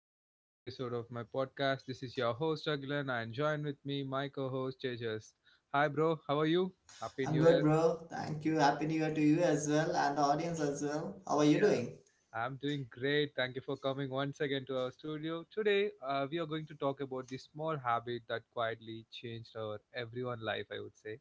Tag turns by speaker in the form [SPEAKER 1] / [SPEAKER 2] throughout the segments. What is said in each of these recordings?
[SPEAKER 1] to the another episode of my podcast. This is your host Agilan and join with me my co-host Tejas. Hi bro, how are you? Happy
[SPEAKER 2] I'm
[SPEAKER 1] New
[SPEAKER 2] good,
[SPEAKER 1] Year.
[SPEAKER 2] bro. Thank you. Happy New Year to you as well and the audience as well. How are you doing?
[SPEAKER 1] I'm doing great. Thank you for coming once again to our studio. Today, we are going to talk about the small habit that quietly changed our everyone life, I would say.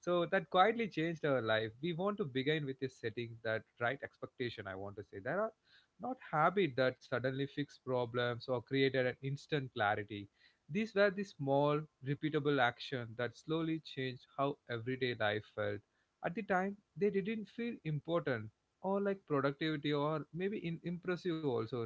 [SPEAKER 1] So that quietly changed our life. We want to begin with a setting that right expectation, I want to say. There are not habit that suddenly fix problems or created an instant clarity. These were the small, repeatable action that slowly changed how everyday life felt. At the time, they didn't feel important or like productivity or maybe impressive also.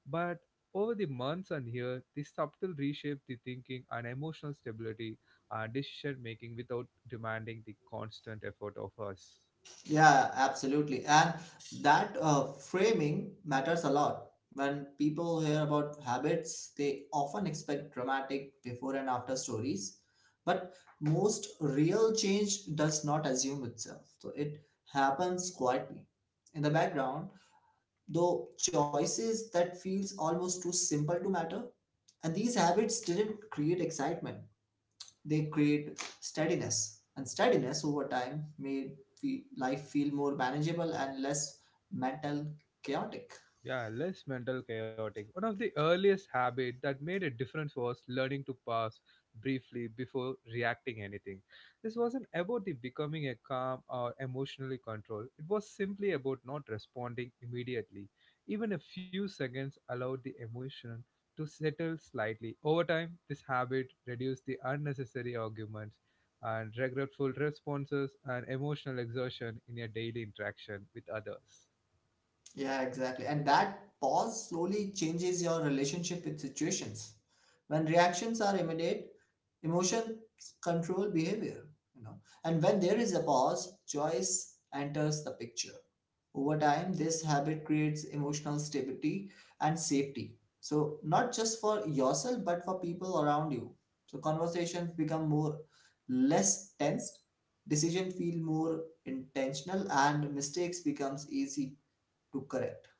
[SPEAKER 1] But over the months and years, this subtle reshaped the thinking and emotional stability decision making without demanding the constant effort of us.
[SPEAKER 2] Yeah, absolutely. And that framing matters a lot. When people hear about habits, they often expect dramatic before and after stories. But most real change does not assume itself. So it happens quietly. In the background, though choices that feels almost too simple to matter. And these habits didn't create excitement, they create steadiness, and steadiness over time made life feel more manageable and less mental chaotic.
[SPEAKER 1] Yeah, less mental chaotic. One of the earliest habits that made a difference was learning to pause briefly before reacting anything. This wasn't about the becoming a calm or emotionally controlled. It was simply about not responding immediately. Even a few seconds allowed the emotion to settle slightly. Over time, this habit reduced the unnecessary arguments and regretful responses and emotional exertion in your daily interaction with others.
[SPEAKER 2] Yeah, exactly. And that pause slowly changes your relationship with situations. When reactions are immediate, emotions control behavior, you know. And when there is a pause, choice enters the picture. Over time, this habit creates emotional stability and safety. So, not just for yourself, but for people around you. So, conversations become more less tensed, decisions feel more intentional, and mistakes becomes easy to correct.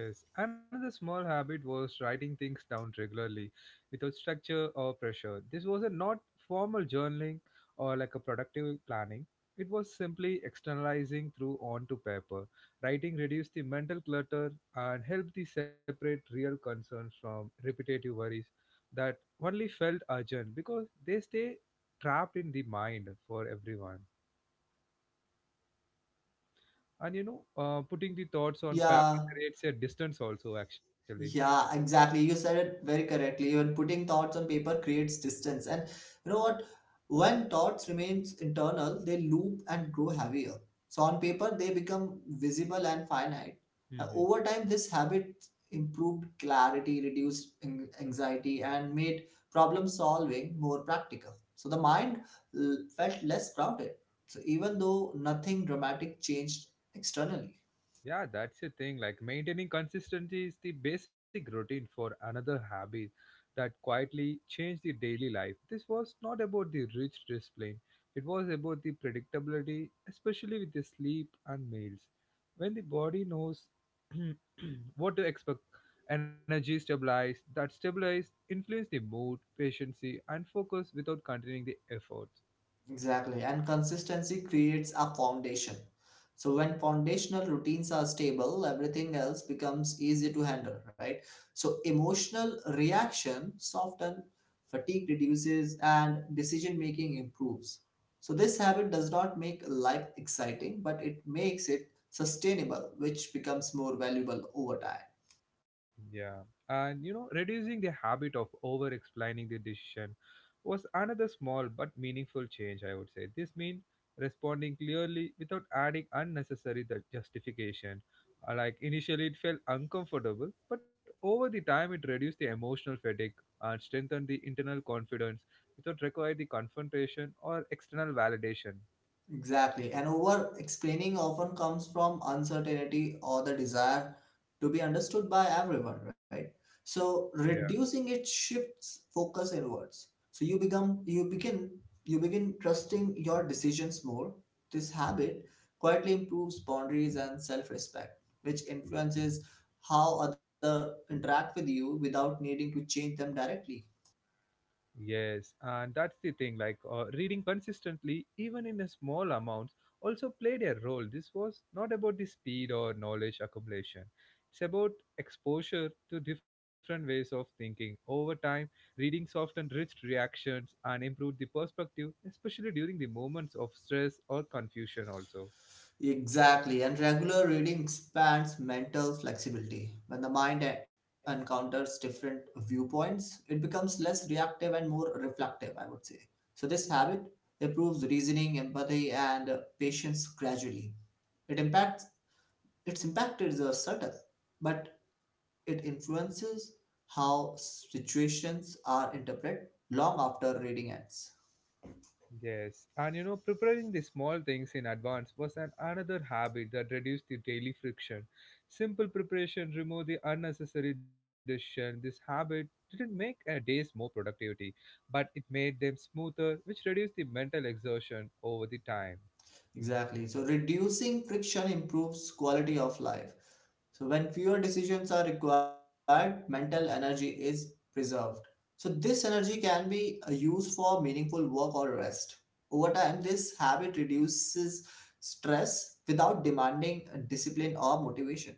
[SPEAKER 1] Yes, another small habit was writing things down regularly without structure or pressure. This was a not formal journaling or like a productive planning. It was simply externalizing through onto paper. Writing reduced the mental clutter and helped the separate real concerns from repetitive worries that only felt urgent because they stay trapped in the mind for everyone. And you know, putting the thoughts on paper
[SPEAKER 2] Yeah,
[SPEAKER 1] creates a distance also actually.
[SPEAKER 2] Yeah, exactly. You said it very correctly. Even putting thoughts on paper creates distance. And you know what? When thoughts remains internal, they loop and grow heavier. So on paper, they become visible and finite.
[SPEAKER 1] Mm-hmm.
[SPEAKER 2] Over time, this habit improved clarity, reduced anxiety, and made problem solving more practical. So the mind felt less crowded. So even though nothing dramatic changed externally.
[SPEAKER 1] Yeah, that's the thing. Like maintaining consistency is the basic routine for another habit that quietly changed the daily life. This was not about the rich discipline, it was about the predictability, especially with the sleep and meals. When the body knows what to expect, energy stabilized, that stabilized influence the mood, patience, and focus without continuing the efforts.
[SPEAKER 2] Exactly. And consistency creates a foundation. So when foundational routines are stable, everything else becomes easy to handle, right? So emotional reaction soften, fatigue reduces, and decision making improves. So this habit does not make life exciting, but it makes it sustainable, which becomes more valuable over time.
[SPEAKER 1] Yeah, and you know, reducing the habit of over explaining the decision was another small but meaningful change, I would say. This means responding clearly without adding unnecessary the justification. Like initially, it felt uncomfortable, but over the time, it reduced the emotional fatigue and strengthened the internal confidence without requiring the confrontation or external validation.
[SPEAKER 2] Exactly. And over explaining often comes from uncertainty or the desire to be understood by everyone, right? So reducing it shifts focus inwards. So you begin trusting your decisions more. This habit quietly improves boundaries and self-respect, which influences how other interact with you without needing to change them directly.
[SPEAKER 1] Yes, and that's the thing. Like reading consistently, even in a small amounts, also played a role. This was not about the speed or knowledge accumulation. It's about exposure to different ways of thinking. Over time, reading softened rich reactions and improved the perspective, especially during the moments of stress or confusion. Also.
[SPEAKER 2] Exactly, and regular reading expands mental flexibility. When the mind encounters different viewpoints, it becomes less reactive and more reflective, I would say. So, this habit improves reasoning, empathy, and patience gradually. It impacts its impact is subtle, but it influences how situations are interpreted long after reading ends.
[SPEAKER 1] Yes, and you know, preparing the small things in advance was an another habit that reduced the daily friction. Simple preparation removed the unnecessary decision. This habit didn't make a day's more productivity, but it made them smoother, which reduced the mental exhaustion over the time.
[SPEAKER 2] Exactly. So reducing friction improves quality of life. So when fewer decisions are required, mental energy is preserved. So this energy can be used for meaningful work or rest. Over time, this habit reduces stress without demanding discipline or motivation.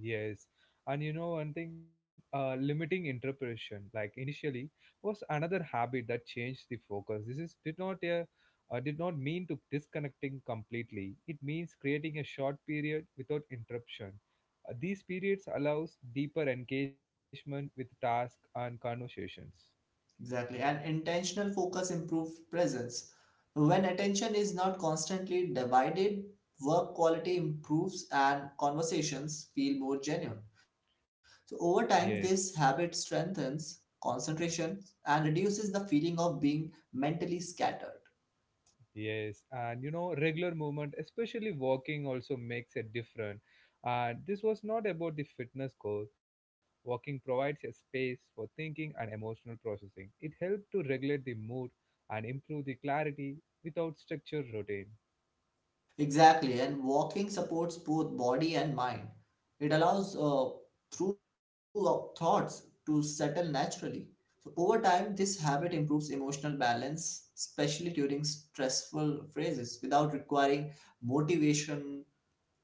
[SPEAKER 1] Yes, and you know one thing, limiting interpretation, like initially, was another habit that changed the focus. This is did not a, did not mean to disconnecting completely. It means creating a short period without interruption. These periods allows deeper engagement with tasks and conversations.
[SPEAKER 2] Exactly. And intentional focus improves presence. When attention is not constantly divided, work quality improves and conversations feel more genuine. So, over time,
[SPEAKER 1] Yes.
[SPEAKER 2] this habit strengthens concentration and reduces the feeling of being mentally scattered.
[SPEAKER 1] Yes, and you know, regular movement, especially walking, also makes a difference. And this was not about the fitness goal. Walking provides a space for thinking and emotional processing. It helps to regulate the mood and improve the clarity without structured routine.
[SPEAKER 2] Exactly, and walking supports both body and mind. It allows through our thoughts to settle naturally. So over time, this habit improves emotional balance, especially during stressful phases, without requiring motivation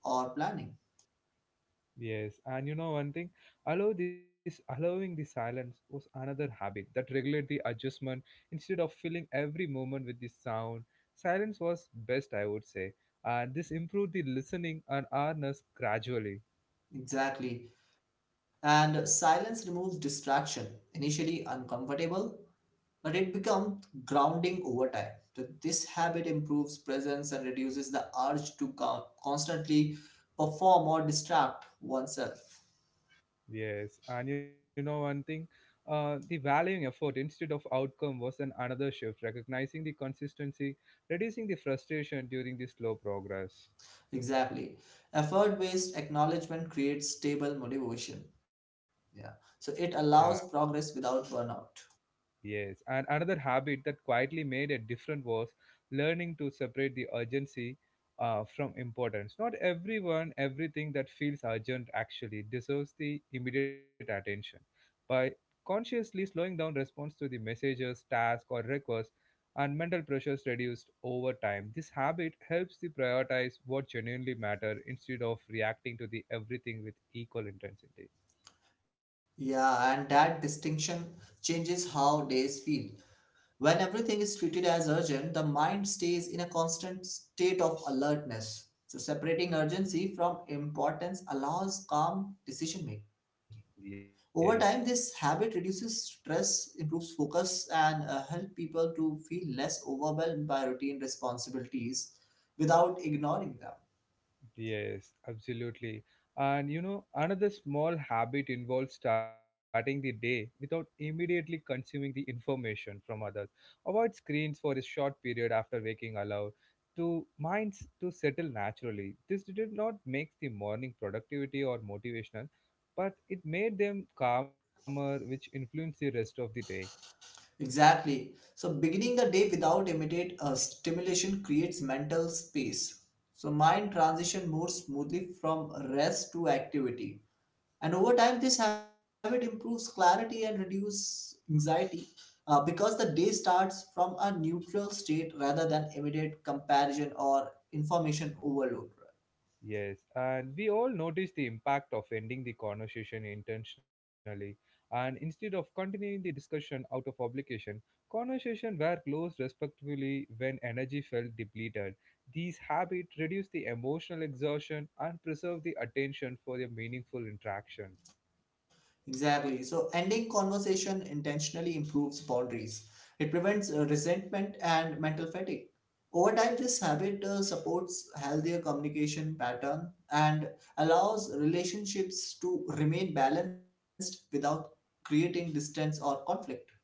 [SPEAKER 2] or planning.
[SPEAKER 1] Yes, and you know one thing, allowing the silence was another habit that regulate the adjustment instead of filling every moment with the sound. Silence was best, I would say, and this improved the listening and awareness gradually.
[SPEAKER 2] Exactly, and silence removes distraction, initially uncomfortable, but it becomes grounding over time. So this habit improves presence and reduces the urge to constantly perform or distract oneself.
[SPEAKER 1] Yes, and you know one thing, the valuing effort instead of outcome was an another shift, recognizing the consistency, reducing the frustration during the slow progress.
[SPEAKER 2] Exactly. Effort-based acknowledgement creates stable motivation. Yeah. So it
[SPEAKER 1] Yeah.
[SPEAKER 2] allows progress without burnout.
[SPEAKER 1] Yes, and another habit that quietly made a difference was learning to separate the urgency from importance. Not everyone, everything that feels urgent actually deserves the immediate attention. By consciously slowing down response to the messages, tasks, or requests, and mental pressures reduced over time. This habit helps to prioritize what genuinely matter instead of reacting to the everything with equal intensity.
[SPEAKER 2] Yeah, and that distinction changes how days feel. When everything is treated as urgent, the mind stays in a constant state of alertness. So, separating urgency from importance allows calm decision making. Over time,
[SPEAKER 1] Yes.
[SPEAKER 2] this habit reduces stress, improves focus, and help people to feel less overwhelmed by routine responsibilities without ignoring them.
[SPEAKER 1] Yes, absolutely. And you know, another small habit involves starting the day without immediately consuming the information from others. Avoid screens for a short period after waking allow to minds to settle naturally. This did not make the morning productivity or motivational, but it made them calmer, which influenced the rest of the day.
[SPEAKER 2] Exactly. So beginning the day without immediate stimulation creates mental space. So mind transition more smoothly from rest to activity. And over time, this habit improves clarity and reduces anxiety because the day starts from a neutral state rather than immediate comparison or information overload.
[SPEAKER 1] Yes, and we all notice the impact of ending the conversation intentionally, and instead of continuing the discussion out of obligation, conversation were closed respectfully when energy felt depleted. These habits reduce the emotional exhaustion and preserve the attention for a meaningful interaction.
[SPEAKER 2] Exactly. So ending conversation intentionally improves boundaries. It prevents resentment and mental fatigue. Over time, this habit supports healthier communication pattern and allows relationships to remain balanced without creating distance or conflict.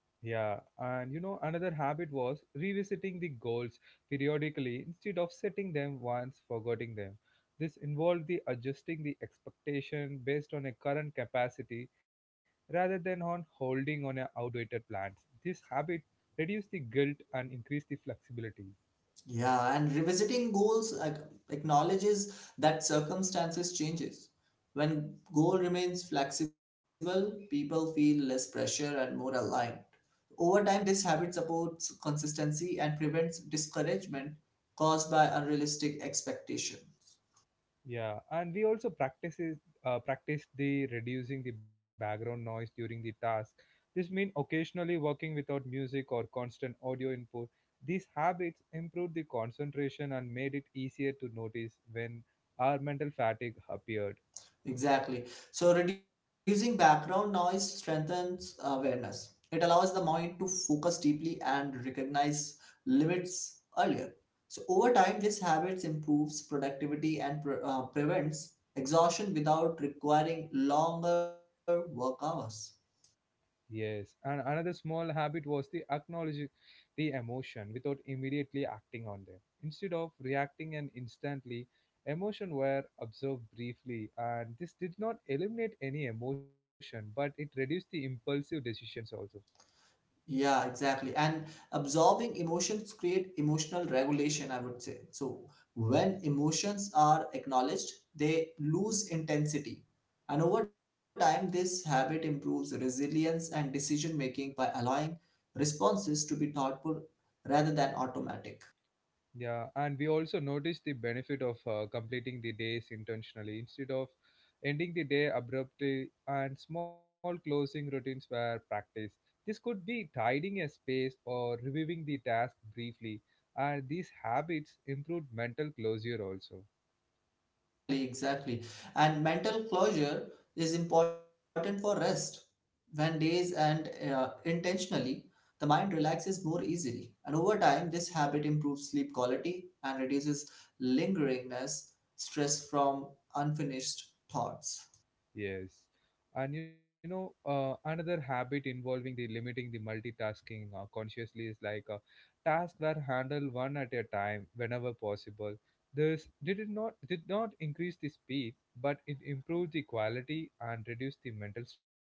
[SPEAKER 1] Yeah, and you know, another habit was revisiting the goals periodically instead of setting them once, forgetting them. This involved the adjusting the expectation based on a current capacity rather than on holding on a outdated plans. This habit reduced the guilt and increased the flexibility.
[SPEAKER 2] Yeah, and revisiting goals acknowledges that circumstances changes. When goal remains flexible, people feel less pressure and more aligned. Over time, this habit supports consistency and prevents discouragement caused by unrealistic expectations.
[SPEAKER 1] Yeah, and we also practice the reducing the background noise during the task. This means occasionally working without music or constant audio input. These habits improved the concentration and made it easier to notice when our mental fatigue appeared.
[SPEAKER 2] Exactly. So reducing background noise strengthens awareness. It allows the mind to focus deeply and recognize limits earlier. So over time, this habits improves productivity and prevents exhaustion without requiring longer work hours.
[SPEAKER 1] Yes, and another small habit was the acknowledging the emotion without immediately acting on them. Instead of reacting and instantly, emotion were observed briefly, and this did not eliminate any emotion, but it reduced the impulsive decisions also.
[SPEAKER 2] Yeah, exactly. And absorbing emotions create emotional regulation, I would say. So when emotions are acknowledged, they lose intensity. And over time, this habit improves resilience and decision making by allowing responses to be thoughtful rather than automatic.
[SPEAKER 1] Yeah, and we also notice the benefit of completing the days intentionally instead of ending the day abruptly, and small closing routines were practiced. This could be tidying a space or reviewing the task briefly, and these habits improved mental closure also.
[SPEAKER 2] Exactly. And mental closure is important for rest. When days end intentionally, the mind relaxes more easily. And over time, this habit improves sleep quality and reduces lingeringness, stress from unfinished thoughts.
[SPEAKER 1] Yes. And you know, another habit involving the limiting the multitasking consciously is like tasks were handled one at a time whenever possible. This did not increase the speed, but it improved the quality and reduced the mental strain.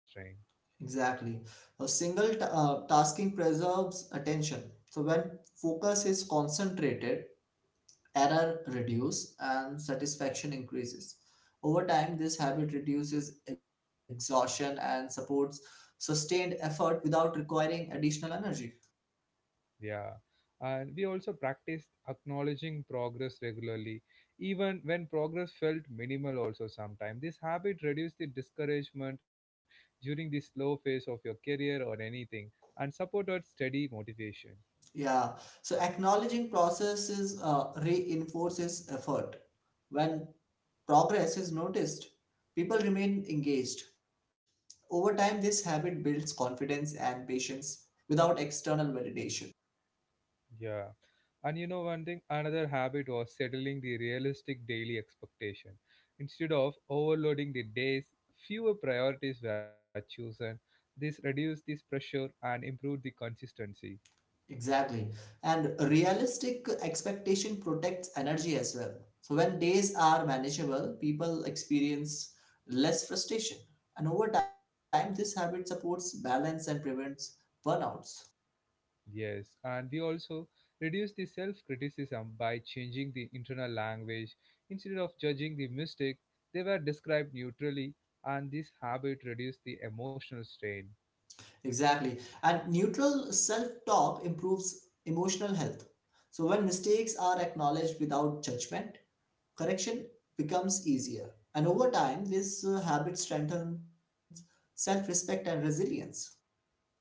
[SPEAKER 2] Exactly. A single tasking preserves attention. So when focus is concentrated, error reduce and satisfaction increases. Over time, this habit reduces exhaustion and supports sustained effort without requiring additional energy.
[SPEAKER 1] Yeah. And we also practiced acknowledging progress regularly, even when progress felt minimal, also sometimes. This habit reduced the discouragement during the slow phase of your career or anything and supported steady motivation.
[SPEAKER 2] Yeah, so acknowledging processes reinforces effort. When progress is noticed, people remain engaged. Over time, this habit builds confidence and patience without external validation.
[SPEAKER 1] Yeah. And you know, one thing, another habit was settling the realistic daily expectation. Instead of overloading the days, fewer priorities were chosen. This reduced this pressure and improved the consistency.
[SPEAKER 2] Exactly. And realistic expectation protects energy as well. So when days are manageable, people experience less frustration. And over time, this habit supports balance and prevents burnouts.
[SPEAKER 1] Yes, and we also reduce the self criticism by changing the internal language. Instead of judging the mistake, they were described neutrally, and this habit reduced the emotional strain.
[SPEAKER 2] Exactly. And neutral self talk improves emotional health. So when mistakes are acknowledged without judgment, correction becomes easier. And over time, this habit strengthens self respect and resilience.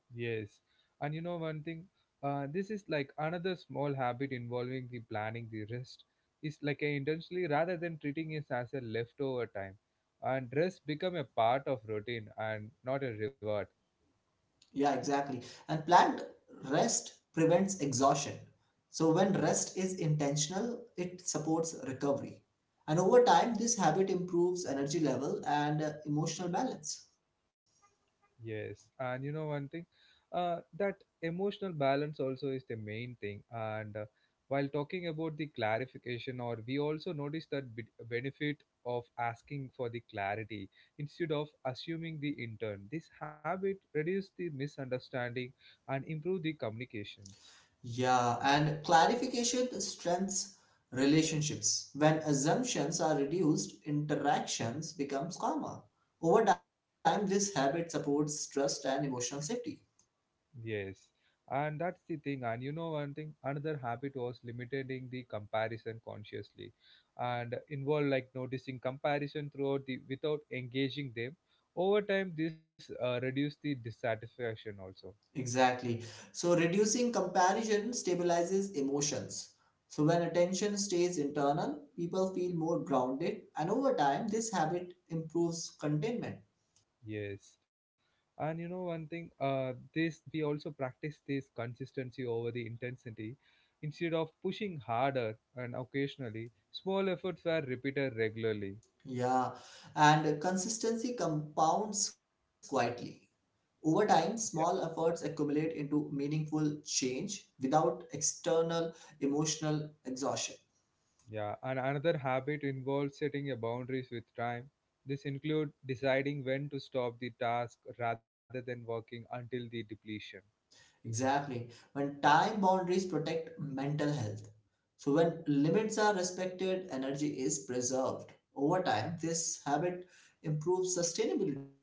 [SPEAKER 1] Yes, and you know one thing, this is like another small habit involving the planning the rest. Is like a intentionally rather than treating it as a leftover time, and rest become a part of routine and not a reward.
[SPEAKER 2] Yeah, exactly. And planned rest prevents exhaustion. So, when rest is intentional, it supports recovery. And over time, this habit improves energy level and emotional balance.
[SPEAKER 1] Yes, and you know one thing, that emotional balance also is the main thing. And while talking about the clarification, or we also notice that benefit of asking for the clarity instead of assuming the intern. This habit reduce the misunderstanding and improve the communications.
[SPEAKER 2] Yeah, and clarification strengthens relationships. When assumptions are reduced, interactions becomes calmer. Over time, this habit supports trust and emotional safety.
[SPEAKER 1] Yes, and that's the thing. And you know, one thing, another habit was limiting the comparison consciously, and involved like noticing comparison throughout the without engaging them. Over time, this reduced the dissatisfaction also.
[SPEAKER 2] Exactly. So reducing comparison stabilizes emotions. So when attention stays internal, people feel more grounded, and over time, this habit improves contentment.
[SPEAKER 1] Yes, and you know, one thing, this we also practice this consistency over the intensity. Instead of pushing harder and occasionally, small efforts were repeated regularly.
[SPEAKER 2] Yeah, and consistency compounds quietly. Over time, small efforts accumulate into meaningful change without external emotional exhaustion.
[SPEAKER 1] Yeah, and another habit involves setting a boundaries with time. This includes deciding when to stop the task rather than working until the depletion.
[SPEAKER 2] Exactly. When time boundaries protect mental health. So, when limits are respected, energy is preserved. Over time, this habit improves sustainability.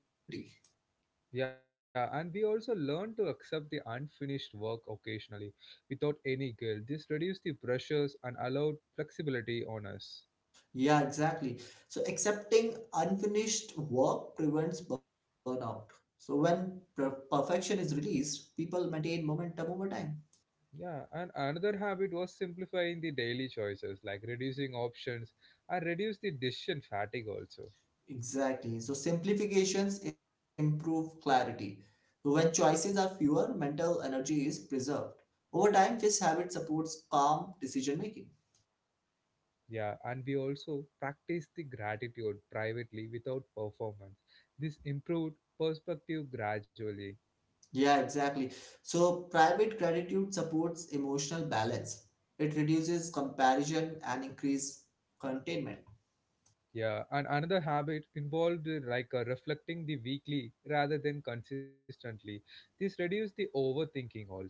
[SPEAKER 1] Yeah, and we also learn to accept the unfinished work occasionally without any guilt. This reduces the pressures and allowed flexibility on us.
[SPEAKER 2] Yeah, exactly. So, accepting unfinished work prevents burnout. So, when perfection is released, people maintain momentum over time.
[SPEAKER 1] Yeah, and another habit was simplifying the daily choices, like reducing options and reduce the decision fatigue also.
[SPEAKER 2] Exactly. So simplifications improve clarity. So, when choices are fewer, mental energy is preserved. Over time, this habit supports calm decision making.
[SPEAKER 1] Yeah, and we also practice the gratitude privately without performance. This improved perspective gradually.
[SPEAKER 2] Yeah, exactly. So private gratitude supports emotional balance. It reduces comparison and increase containment.
[SPEAKER 1] Yeah, and another habit involved reflecting the weekly rather than consistently. This reduced the overthinking also.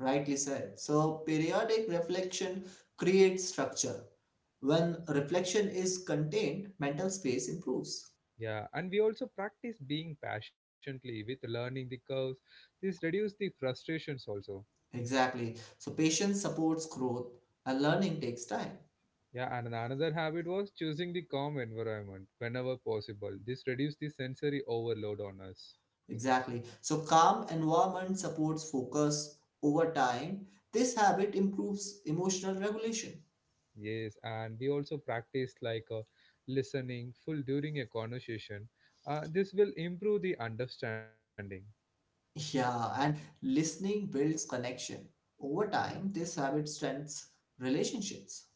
[SPEAKER 2] Rightly said. So periodic reflection creates structure. When reflection is contained, mental space improves.
[SPEAKER 1] Yeah, and we also practice being patiently with learning the curves. This reduced the frustrations also.
[SPEAKER 2] Exactly. So patience supports growth and learning takes time.
[SPEAKER 1] Yeah, and another habit was choosing the calm environment whenever possible. This reduced the sensory overload on us.
[SPEAKER 2] Exactly. So calm environment supports focus over time. This habit improves emotional regulation.
[SPEAKER 1] Yes, and we also practice listening full during a conversation. This will improve the understanding.
[SPEAKER 2] Yeah, and listening builds connection. Over time, this habit strengthens relationships.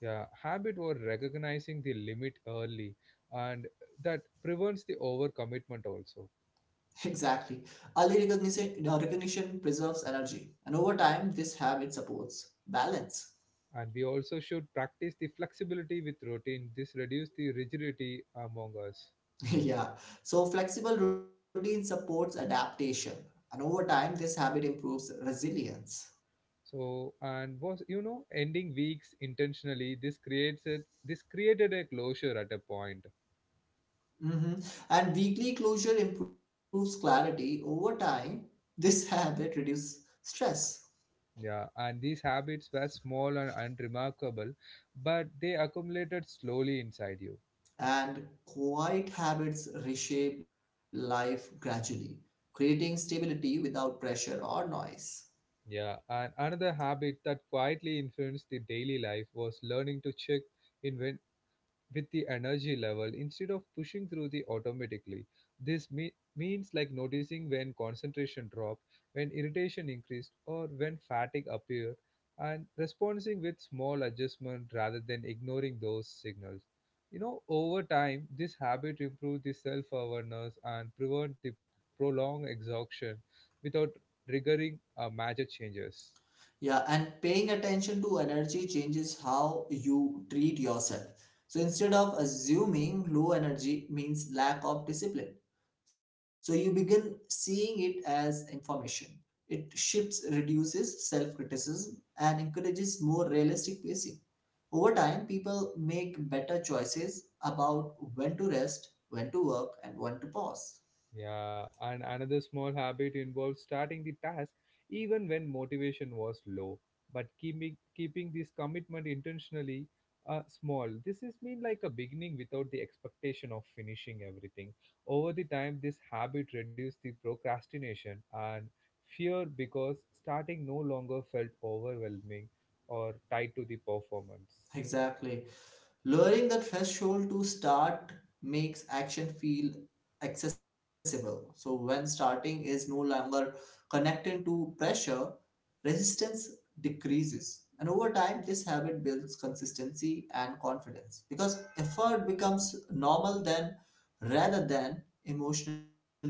[SPEAKER 1] Yeah, habit or recognizing the limit early, and that prevents the overcommitment also.
[SPEAKER 2] Exactly. Early recognition, recognition preserves energy. And over time, this habit supports balance.
[SPEAKER 1] And we also should practice the flexibility with routine. This reduce the rigidity among us.
[SPEAKER 2] Yeah, so flexible routine supports adaptation, and over time, this habit improves resilience.
[SPEAKER 1] So and was you know ending weeks intentionally. This creates a, this created a closure at a point.
[SPEAKER 2] Mhm. And weekly closure improves clarity. Over time, this habit reduces stress,
[SPEAKER 1] Yeah, and these habits were small and unremarkable, but they accumulated slowly inside you.
[SPEAKER 2] and quiet habits reshape life gradually, creating stability without pressure or noise.
[SPEAKER 1] Yeah, and another habit that quietly influenced the daily life was learning to check in with the energy level instead of pushing through the automatically. This means like noticing when concentration dropped, when irritation increased, or when fatigue appeared, and responding with small adjustment rather than ignoring those signals. You know, over time this habit improves the self awareness and prevent the prolonged exhaustion without triggering major changes.
[SPEAKER 2] Yeah, and paying attention to energy changes how you treat yourself. So instead of assuming low energy means lack of discipline, so you begin seeing it as information. It shifts, reduces self criticism, and encourages more realistic pacing. Over time, people make better choices about when to rest, when to work, and when to pause.
[SPEAKER 1] Yeah, and another small habit involves starting the task even when motivation was low, but keeping this commitment intentionally small. This is mean like a beginning without the expectation of finishing everything. Over the time, this habit reduced the procrastination and fear because starting no longer felt overwhelming or tied to the performance.
[SPEAKER 2] Exactly. Lowering the threshold to start makes action feel accessible. So, when starting is no longer connected to pressure, resistance decreases. And over time, this habit builds consistency and confidence because effort becomes normal then rather than emotionally loaded.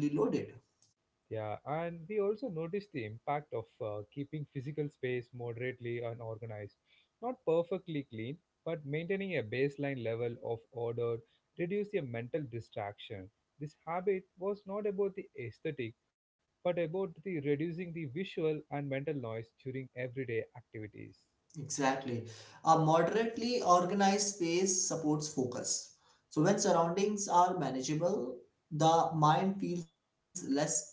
[SPEAKER 1] Yeah, and we also notice the impact of keeping physical space moderately and organized. Not perfectly clean, but maintaining a baseline level of order reduces your mental distraction. This habit was not about the aesthetic, but about the reducing the visual and mental noise during everyday activities.
[SPEAKER 2] Exactly. A moderately organized space supports focus. So when surroundings are manageable, the mind feels less scattered.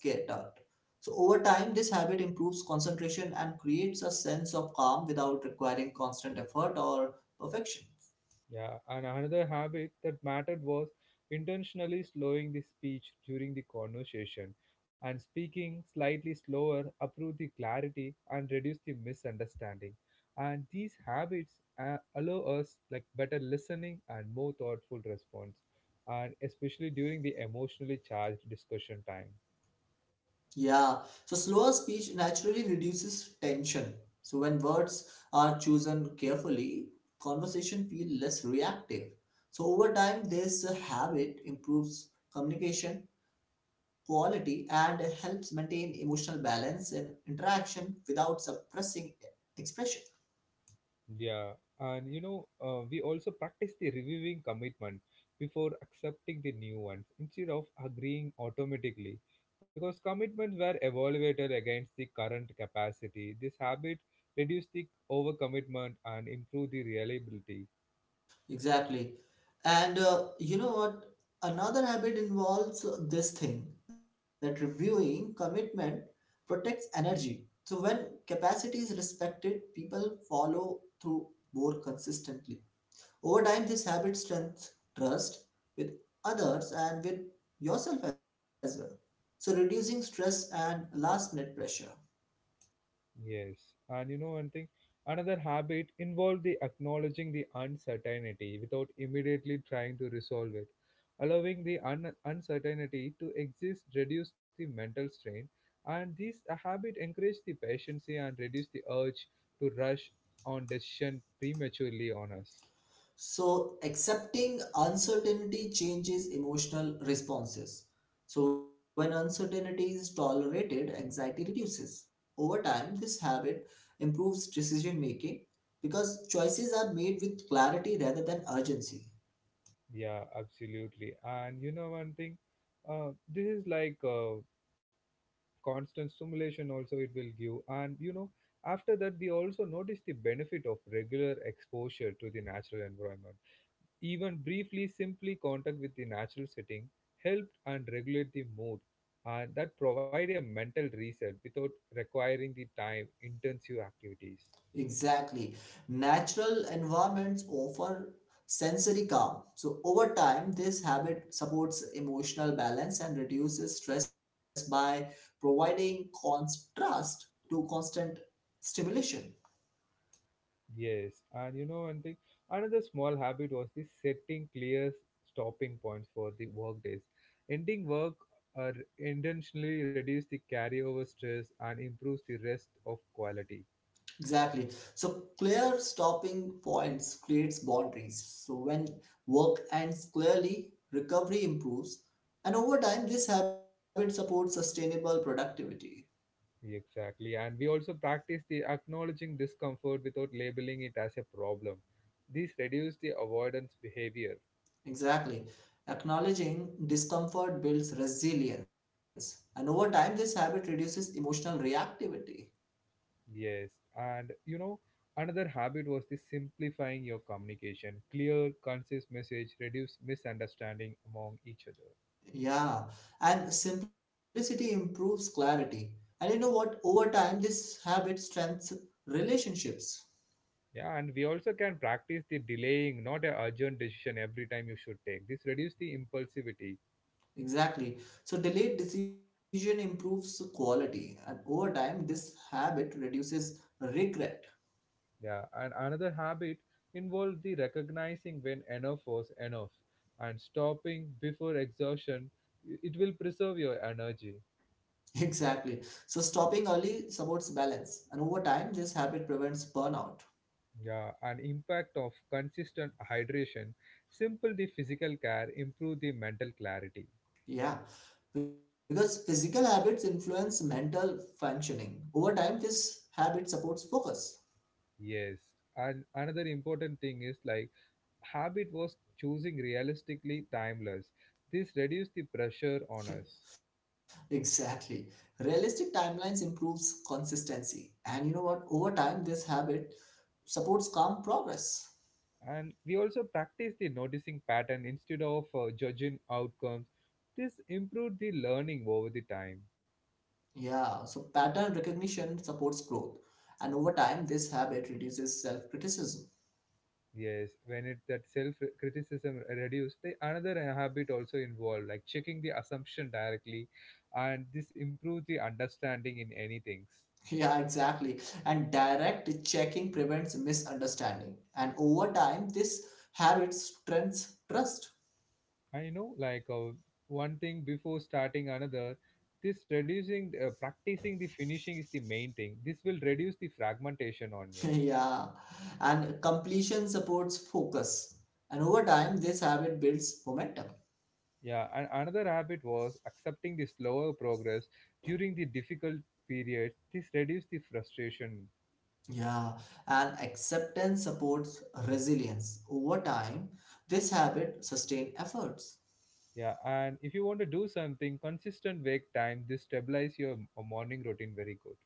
[SPEAKER 2] So over time, this habit improves concentration and creates a sense of calm without requiring constant effort or perfection.
[SPEAKER 1] Yeah, and another habit that mattered was intentionally slowing the speech during the conversation, and speaking slightly slower, improve the clarity and reduce the misunderstanding. And these habits allow us like better listening and more thoughtful response, and especially during the emotionally charged discussion time.
[SPEAKER 2] Yeah, so slower speech naturally reduces tension. So when words are chosen carefully, conversation feel less reactive. So over time, this habit improves communication quality and helps maintain emotional balance in interaction without suppressing expression.
[SPEAKER 1] Yeah, and we also practice the reviewing commitment before accepting the new ones instead of agreeing automatically, because commitments were evaluated against the current capacity. This habit reduced the overcommitment and improved the reliability.
[SPEAKER 2] Exactly. And you know what? Another habit involves this thing that reviewing commitment protects energy. So when capacity is respected, people follow through more consistently. Over time, this habit strengthens trust with others and with yourself as well. So reducing stress and last minute pressure.
[SPEAKER 1] Yes, and you know one thing, another habit involved the acknowledging the uncertainty without immediately trying to resolve it. Allowing the uncertainty to exist reduce the mental strain, and this habit encourage the patience and reduce the urge to rush on decision prematurely on us.
[SPEAKER 2] So, accepting uncertainty changes emotional responses. So, when uncertainty is tolerated, anxiety reduces. Over time, this habit improves decision making because choices are made with clarity rather than urgency.
[SPEAKER 1] Yeah, absolutely. And you know one thing, this is like constant stimulation also it will give, and you know after that we also notice the benefit of regular exposure to the natural environment, even briefly simply contact with the natural setting helped and regulate the mood, and that provide a mental reset without requiring the time intensive activities.
[SPEAKER 2] Exactly. Natural environments offer sensory calm. So, over time, this habit supports emotional balance and reduces stress by providing contrast to constant stimulation.
[SPEAKER 1] Yes, and you know one thing, another small habit was the setting clear stopping points for the work days. Ending work uh, intentionally reduce the carryover stress and improves the rest of quality.
[SPEAKER 2] Exactly. So, clear stopping points creates boundaries. So, when work ends clearly, recovery improves. And over time, this habit supports sustainable productivity.
[SPEAKER 1] Exactly, and we also practice the acknowledging discomfort without labeling it as a problem. This reduce the avoidance behavior.
[SPEAKER 2] Exactly. Acknowledging discomfort builds resilience, and over time, this habit reduces emotional reactivity.
[SPEAKER 1] Yes, and you know, another habit was the simplifying your communication. Clear, concise message reduce misunderstanding among each other.
[SPEAKER 2] Yeah, and simplicity improves clarity. And you know what? Over time, this habit strengthens relationships.
[SPEAKER 1] Yeah, and we also can practice the delaying, not a urgent decision every time you should take. This reduce the impulsivity.
[SPEAKER 2] Exactly. So, delayed decision improves quality, and over time, this habit reduces regret.
[SPEAKER 1] Yeah, and another habit involved the recognizing when enough was enough and stopping before exhaustion. It will preserve your energy.
[SPEAKER 2] Exactly. So, stopping early supports balance, and over time, this habit prevents burnout.
[SPEAKER 1] Yeah, and impact of consistent hydration, simple the physical care, improve the mental clarity.
[SPEAKER 2] Yeah, because physical habits influence mental functioning. Over time, this habit supports focus.
[SPEAKER 1] Yes, and another important thing is like habit was choosing realistically timeless. This reduce the pressure on us,
[SPEAKER 2] Exactly. Realistic timelines improves consistency. And you know what? Over time, this habit supports calm progress.
[SPEAKER 1] and we also practice the noticing pattern instead of judging outcomes. This improved the learning over the time.
[SPEAKER 2] Yeah, so pattern recognition supports growth. And over time, this habit reduces self criticism.
[SPEAKER 1] Yes, when it that self criticism reduced, the another habit also involved, like checking the assumption directly, and this improves the understanding in any things.
[SPEAKER 2] Yeah, exactly. And direct checking prevents misunderstanding. And over time, this habit strengthens trust.
[SPEAKER 1] And you know, like one thing before starting another, this reducing practicing the finishing is the main thing. This will reduce the fragmentation on you.
[SPEAKER 2] Yeah, and completion supports focus, and over time, this habit builds momentum.
[SPEAKER 1] Yeah, and another habit was accepting the slower progress during the difficult periods. This reduces the frustration.
[SPEAKER 2] Yeah, and acceptance supports resilience. Over time, this habit sustains efforts.
[SPEAKER 1] Yeah, and if you want to do something, consistent wake time, this stabilize your morning routine very good.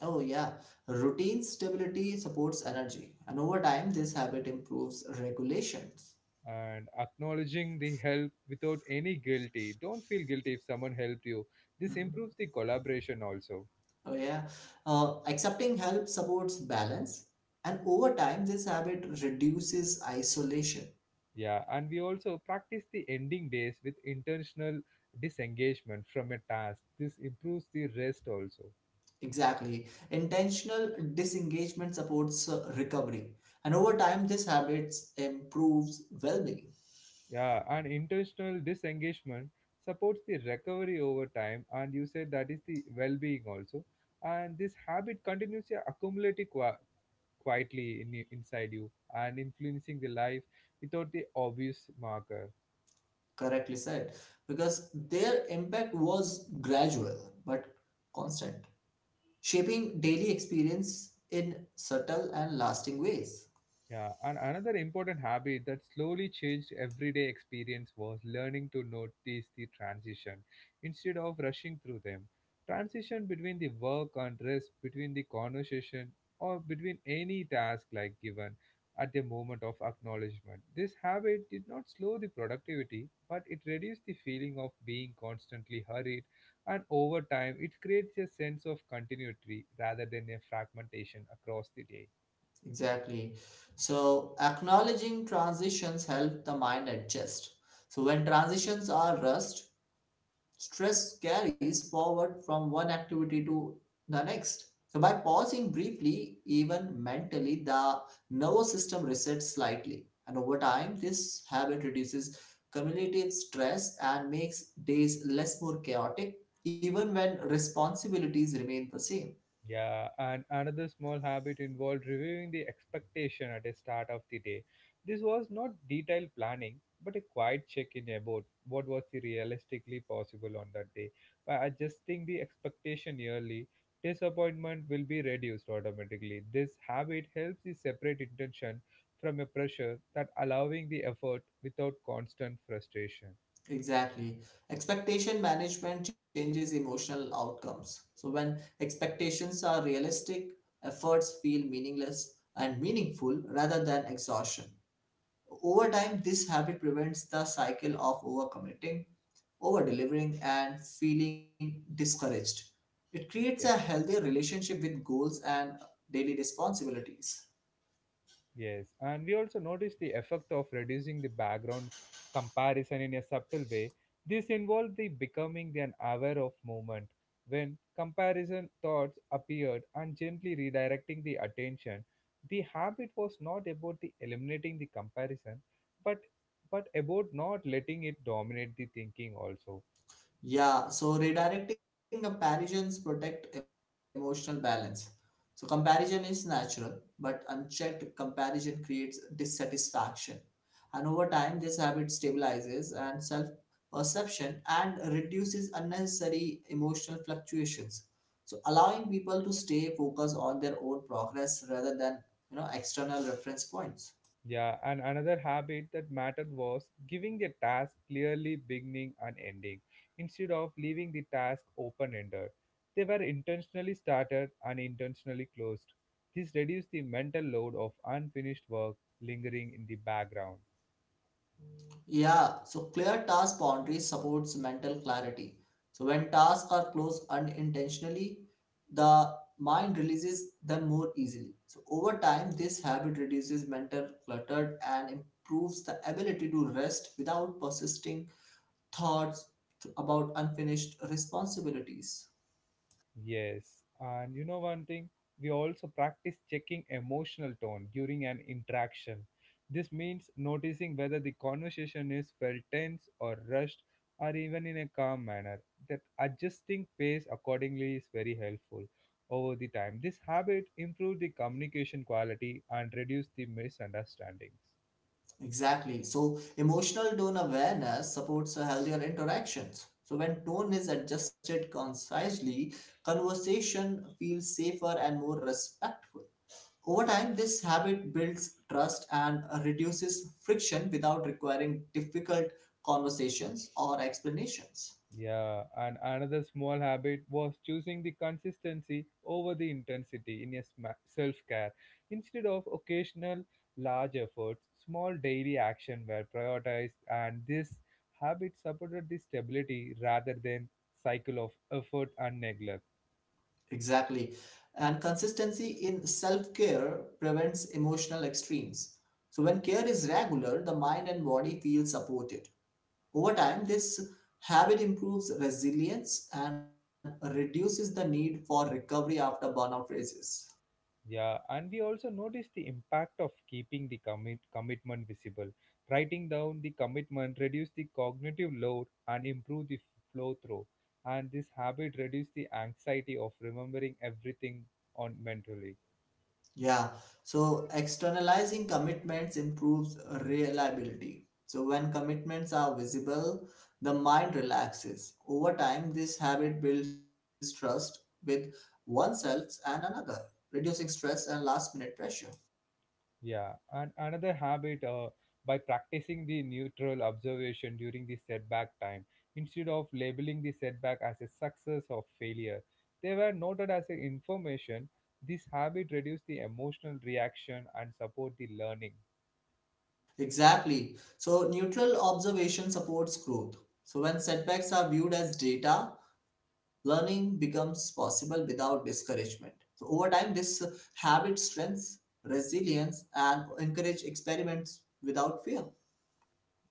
[SPEAKER 2] Oh, yeah, routine stability supports energy, and over time, this habit improves regulations.
[SPEAKER 1] And acknowledging the help without any guilty. Don't feel guilty if someone helped you. This
[SPEAKER 2] Mhm.
[SPEAKER 1] improves the collaboration also.
[SPEAKER 2] Oh, yeah, accepting help supports balance, and over time, this habit reduces isolation.
[SPEAKER 1] Yeah, and we also practice the ending days with intentional disengagement from a task. This improves the rest also.
[SPEAKER 2] Exactly. Intentional disengagement supports recovery. And over time, this habits improves well-being,
[SPEAKER 1] Yeah, and intentional disengagement supports the recovery over time, and you said that is the well-being also. And this habit continues to accumulate it quietly in, inside you and influencing the life without the obvious marker.
[SPEAKER 2] correctly said, because their impact was gradual but constant, shaping daily experience in subtle and lasting ways.
[SPEAKER 1] Yeah, and another important habit that slowly changed everyday experience was learning to notice the transition instead of rushing through them. Transition between the work and rest, between the conversation, or between any task like given at the moment of acknowledgement. This habit did not slow the productivity, but it reduced the feeling of being constantly hurried, and over time, it creates a sense of continuity rather than a fragmentation across the day.
[SPEAKER 2] Exactly. So acknowledging transitions help the mind adjust. So when transitions are rushed, stress carries forward from one activity to the next. So, by pausing briefly, even mentally, the nervous system resets slightly. And over time, this habit reduces cumulative stress and makes days less more chaotic, even when responsibilities remain the same.
[SPEAKER 1] Yeah, and another small habit involved reviewing the expectation at the start of the day. This was not detailed planning, but a quiet check-in about what was the realistically possible on that day. By adjusting the expectation yearly, disappointment will be reduced automatically. This habit helps you separate intention from a pressure that allowing the effort without constant frustration.
[SPEAKER 2] Exactly. Expectation management changes emotional outcomes. So, when expectations are realistic, efforts feel meaningless and meaningful rather than exhaustion. Over time, this habit prevents the cycle of overcommitting, over delivering, and feeling discouraged. It creates a healthier relationship with goals and daily responsibilities.
[SPEAKER 1] Yes, and we also notice the effect of reducing the background comparison in a subtle way. This involved the becoming an aware of movement when comparison thoughts appeared and gently redirecting the attention. The habit was not about the eliminating the comparison, but about not letting it dominate the thinking also.
[SPEAKER 2] Yeah, so redirecting comparisons protect emotional balance. So comparison is natural, but unchecked comparison creates dissatisfaction. And over time, this habit stabilizes and self-perception and reduces unnecessary emotional fluctuations. So allowing people to stay focused on their own progress rather than, you know, external reference points.
[SPEAKER 1] Yeah, and another habit that mattered was giving the task clearly beginning and ending instead of leaving the task open ended. They were intentionally started and intentionally closed. This reduced the mental load of unfinished work lingering in the background.
[SPEAKER 2] Yeah, so clear task boundaries supports mental clarity. So when tasks are closed unintentionally, the mind releases them more easily. So over time, this habit reduces mental clutter and improves the ability to rest without persisting thoughts about unfinished responsibilities.
[SPEAKER 1] Yes, and you know one thing, we also practice checking emotional tone during an interaction. This means noticing whether the conversation is felt tense or rushed or even in a calm manner. That adjusting pace accordingly is very helpful over the time. This habit improves the communication quality and reduce the misunderstandings.
[SPEAKER 2] Exactly. So, emotional tone awareness supports a healthier interactions. So, when tone is adjusted concisely, conversation feels safer and more respectful. Over time, this habit builds trust and reduces friction without requiring difficult conversations or explanations.
[SPEAKER 1] Yeah, and another small habit was choosing the consistency over the intensity in your self care. Instead of occasional large efforts, small daily action were prioritized, and this habit supported the stability rather than cycle of effort and neglect.
[SPEAKER 2] Exactly. And consistency in self care prevents emotional extremes. So, when care is regular, the mind and body feel supported. Over time, this habit improves resilience and reduces the need for recovery after burnout phases.
[SPEAKER 1] Yeah, and we also notice the impact of keeping the commitment visible. Writing down the commitment reduce the cognitive load and improve the flow through. And this habit reduce the anxiety of remembering everything on mentally.
[SPEAKER 2] Yeah, so externalizing commitments improves reliability. So, when commitments are visible, the mind relaxes. Over time, this habit builds trust with oneself and another, reducing stress and last minute pressure.
[SPEAKER 1] Yeah, and another habit by practicing the neutral observation during the setback time instead of labeling the setback as a success or failure. They were noted as a information. This habit reduced the emotional reaction and support the learning.
[SPEAKER 2] Exactly. So, neutral observation supports growth. So, when setbacks are viewed as data, learning becomes possible without discouragement. So, over time, this habit strengthens resilience and encourage experiments without fear.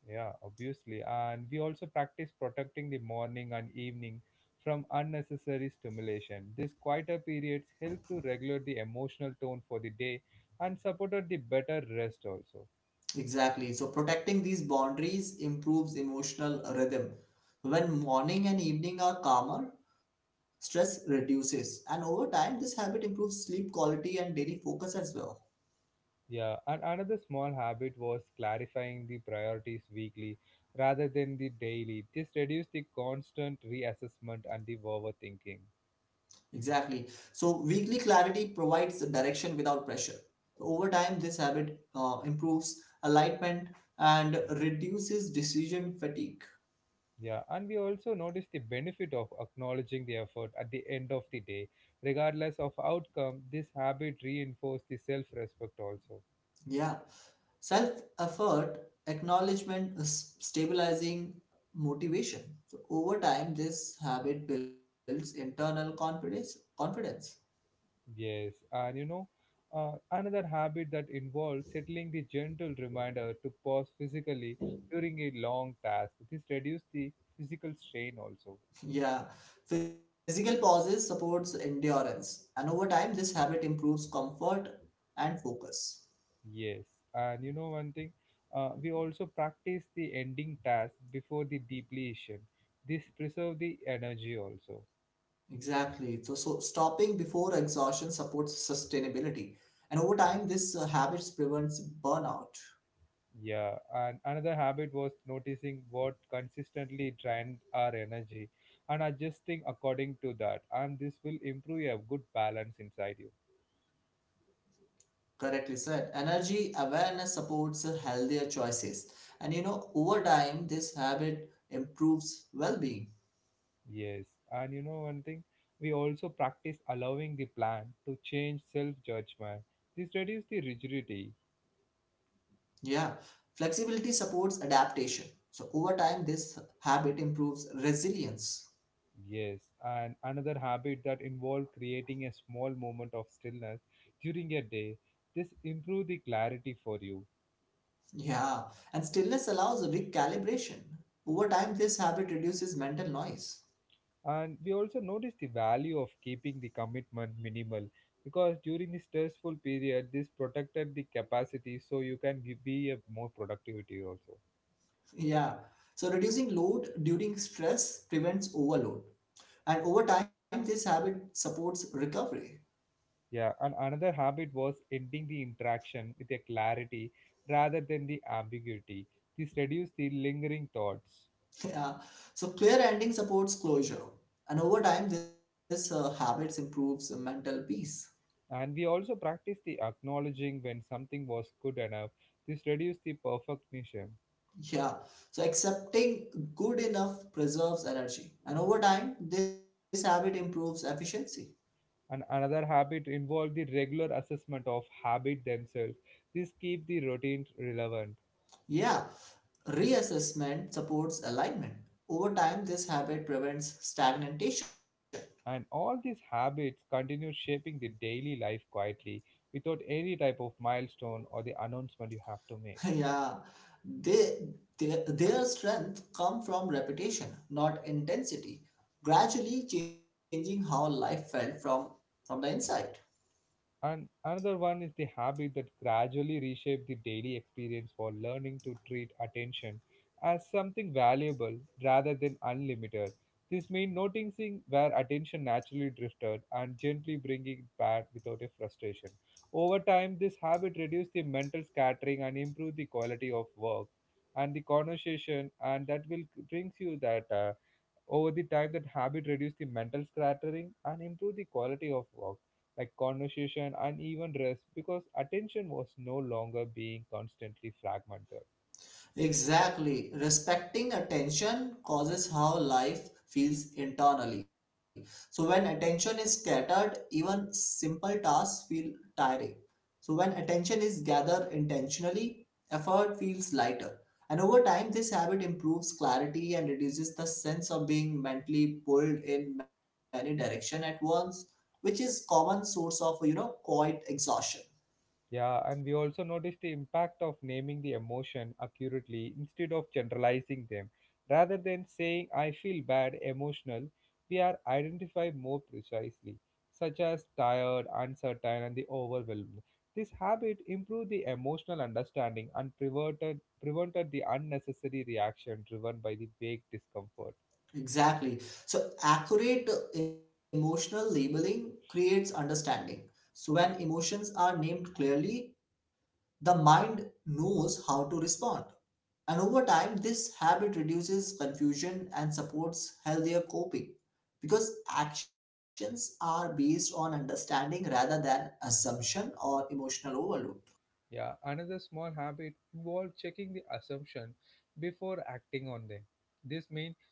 [SPEAKER 1] Yeah, obviously. And we also practice protecting the morning and evening from unnecessary stimulation. These quieter periods help to regulate the emotional tone for the day and supported the better rest also.
[SPEAKER 2] Exactly. So, protecting these boundaries improves emotional rhythm. So, when morning and evening are calmer, stress reduces, and over time, this habit improves sleep quality and daily focus as well.
[SPEAKER 1] Yeah, and another small habit was clarifying the priorities weekly rather than the daily. This reduced the constant reassessment and the overthinking.
[SPEAKER 2] Exactly. So weekly clarity provides the direction without pressure. So, over time, this habit improves alignment and reduces decision fatigue.
[SPEAKER 1] Yeah, and we also noticed the benefit of acknowledging the effort at the end of the day. Regardless of outcome, this habit reinforced the self respect also.
[SPEAKER 2] Yeah. Self effort, acknowledgement, is stabilizing motivation. So over time, this habit builds internal confidence. Confidence.
[SPEAKER 1] Yes, and another habit that involves settling the gentle reminder to pause physically during a long task. This reduced the physical strain also.
[SPEAKER 2] Yeah. Physical pauses supports endurance, and over time, this habit improves comfort and focus.
[SPEAKER 1] Yes, and you know one thing, we also practice the ending task before the depletion. This preserve the energy also.
[SPEAKER 2] Exactly. So stopping before exhaustion supports sustainability. And over time, this habits prevents burnout.
[SPEAKER 1] Yeah, and another habit was noticing what consistently drained our energy and adjusting according to that. And this will improve a good balance inside you.
[SPEAKER 2] Correctly said. Energy awareness supports healthier choices. And you know, over time, this habit improves well being.
[SPEAKER 1] Yes, and you know one thing, we also practice allowing the plan to change self judgment. This reduces the rigidity.
[SPEAKER 2] Yeah. Flexibility supports adaptation. So, over time, this habit improves resilience.
[SPEAKER 1] Yes, and another habit that involves creating a small moment of stillness during your day. This improve the clarity for you.
[SPEAKER 2] Yeah. And stillness allows recalibration. Over time, this habit reduces mental noise.
[SPEAKER 1] And we also notice the value of keeping the commitment minimal because during the stressful period, this protected the capacity so you can give, be a more productivity also.
[SPEAKER 2] Yeah. So reducing load during stress prevents overload. And over time, this habit supports recovery.
[SPEAKER 1] Yeah, and another habit was ending the interaction with a clarity rather than the ambiguity. This reduces the lingering thoughts.
[SPEAKER 2] Yeah. So clear ending supports closure. And over time, this habit improves mental peace.
[SPEAKER 1] And we also practice the acknowledging when something was good enough. This reduced the perfectionism.
[SPEAKER 2] Yeah. So accepting good enough preserves energy. And over time, this habit improves efficiency.
[SPEAKER 1] And another habit involved the regular assessment of habit themselves. This keep the routine relevant.
[SPEAKER 2] Yeah. Reassessment supports alignment. Over time, this habit prevents stagnation.
[SPEAKER 1] And all these habits continue shaping the daily life quietly without any type of milestone or the announcement you have to make.
[SPEAKER 2] Yeah, they, their strength come from repetition, not intensity, gradually changing how life felt from the inside.
[SPEAKER 1] And another one is the habit that gradually reshape the daily experience for learning to treat attention as something valuable rather than unlimited. This means noticing where attention naturally drifted and gently bringing it back without a frustration. Over time, this habit reduces the mental scattering and improve the quality of work and the conversation, and that will brings you that over the time, that habit reduce the mental scattering and improve the quality of work, like conversation and even rest, because attention was no longer being constantly fragmented.
[SPEAKER 2] Exactly. Respecting attention causes how life feels internally. So when attention is scattered, even simple tasks feel tiring. So when attention is gathered intentionally, effort feels lighter. And over time, this habit improves clarity and reduces the sense of being mentally pulled in many directions at once, which is common source of, you know, quiet exhaustion.
[SPEAKER 1] Yeah, and we also noticed the impact of naming the emotion accurately instead of generalizing them. Rather than saying, I feel bad, emotional, we are identified more precisely, such as tired, uncertain, and the overwhelmed. This habit improved the emotional understanding and prevented the unnecessary reaction driven by the vague discomfort.
[SPEAKER 2] Exactly. So, accurate emotional labeling creates understanding. So, when emotions are named clearly, the mind knows how to respond. And over time, this habit reduces confusion and supports healthier coping because actions are based on understanding rather than assumption or emotional overload.
[SPEAKER 1] Yeah, another small habit involved checking the assumption before acting on them. This means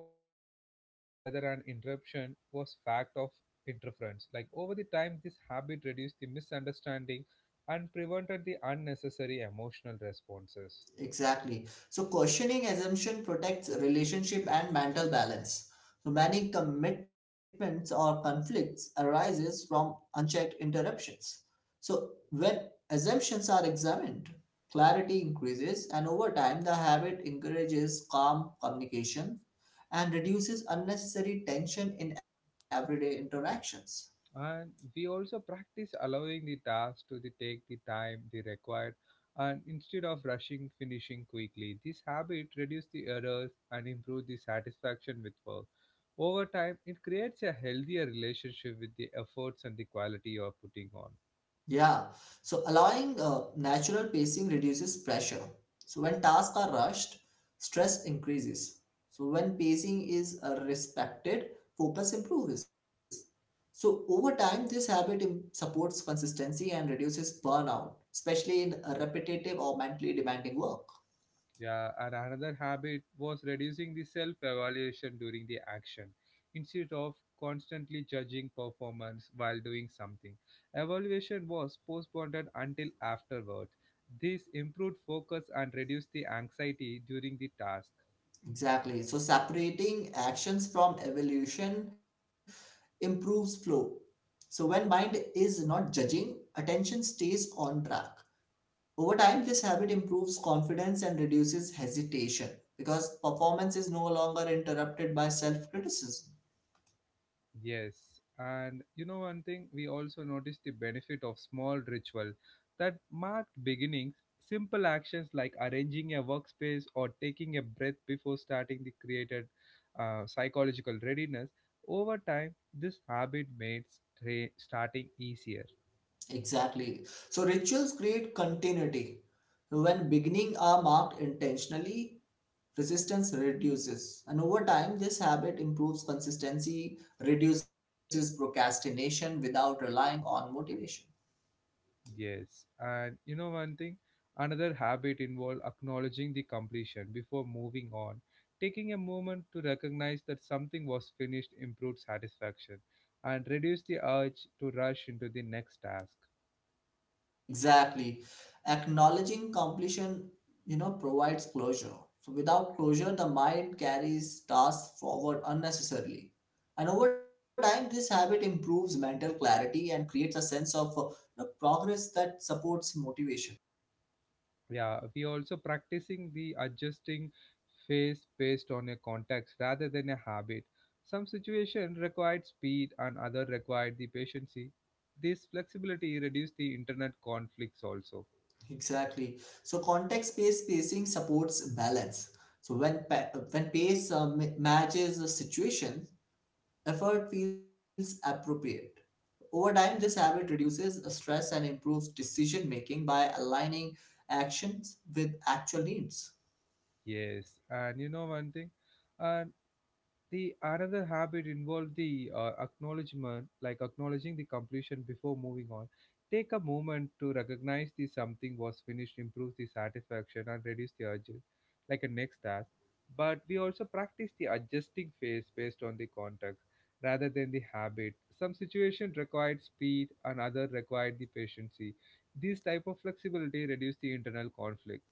[SPEAKER 1] pausing to ask whether an interruption was fact of interference. Like over the time, this habit reduced the misunderstanding and prevented the unnecessary emotional responses.
[SPEAKER 2] Exactly. So questioning assumption protects relationship and mental balance. So many commitments or conflicts arises from unchecked interruptions. So when assumptions are examined, clarity increases and over time the habit encourages calm communication and reduces unnecessary tension in everyday interactions.
[SPEAKER 1] And we also practice allowing the task to the take the time they required and instead of rushing finishing quickly. This habit reduces the errors and improves the satisfaction with work. Over time, it creates a healthier relationship with the efforts and the quality you are putting on.
[SPEAKER 2] Yeah, so allowing natural pacing reduces pressure. So when tasks are rushed, stress increases. So when pacing is respected, focus improves. So over time, this supports consistency and reduces burnout, especially in repetitive or mentally demanding work.
[SPEAKER 1] Yeah, and another habit was reducing the self evaluation during the action. Instead of constantly judging performance while doing something, evaluation was postponed until afterwards. This improved focus and reduced the anxiety during the task.
[SPEAKER 2] Exactly. So separating actions from evolution improves flow. So when mind is not judging, attention stays on track. Over time, this habit improves confidence and reduces hesitation because performance is no longer interrupted by self criticism.
[SPEAKER 1] Yes, and you know one thing, we also noticed the benefit of small ritual that marked beginnings, simple actions like arranging a workspace or taking a breath before starting the created psychological readiness. Over time, this habit made starting easier.
[SPEAKER 2] Exactly. So, rituals create continuity. So, when beginning are marked intentionally, resistance reduces. And over time, this habit improves consistency, reduces procrastination without relying on motivation.
[SPEAKER 1] Yes, and you know one thing, another habit involves acknowledging the completion before moving on. Taking a moment to recognize that something was finished improves satisfaction and reduce the urge to rush into the next task.
[SPEAKER 2] Exactly. Acknowledging completion, you know, provides closure. So without closure, the mind carries tasks forward unnecessarily. And over time, this habit improves mental clarity and creates a sense of, you know, progress that supports motivation.
[SPEAKER 1] Yeah, we also practicing the adjusting phase based on a context rather than a habit. Some situations required speed and other required the patience. This flexibility reduces the internet conflicts also.
[SPEAKER 2] Exactly. So context-based pacing supports balance. So when pace matches the situation, effort feels appropriate. Over time, this habit reduces stress and improves decision making by aligning actions with actual needs.
[SPEAKER 1] Yes, and you know one thing, and the another habit involved the acknowledgement, like acknowledging the completion before moving on. Take a moment to recognize the something was finished, improves the satisfaction, and reduce the urges, like a next task. But we also practice the adjusting phase based on the context rather than the habit. Some situation required speed, and other required the patience. This type of flexibility reduce the internal conflict.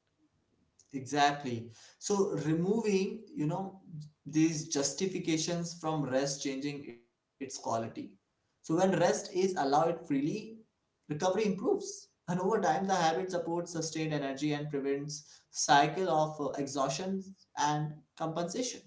[SPEAKER 2] Exactly. So, removing, you know, these justifications from rest, changing its quality. So, when rest is allowed freely, recovery improves. And over time, the habit supports sustained energy and prevents cycle of exhaustion and compensation.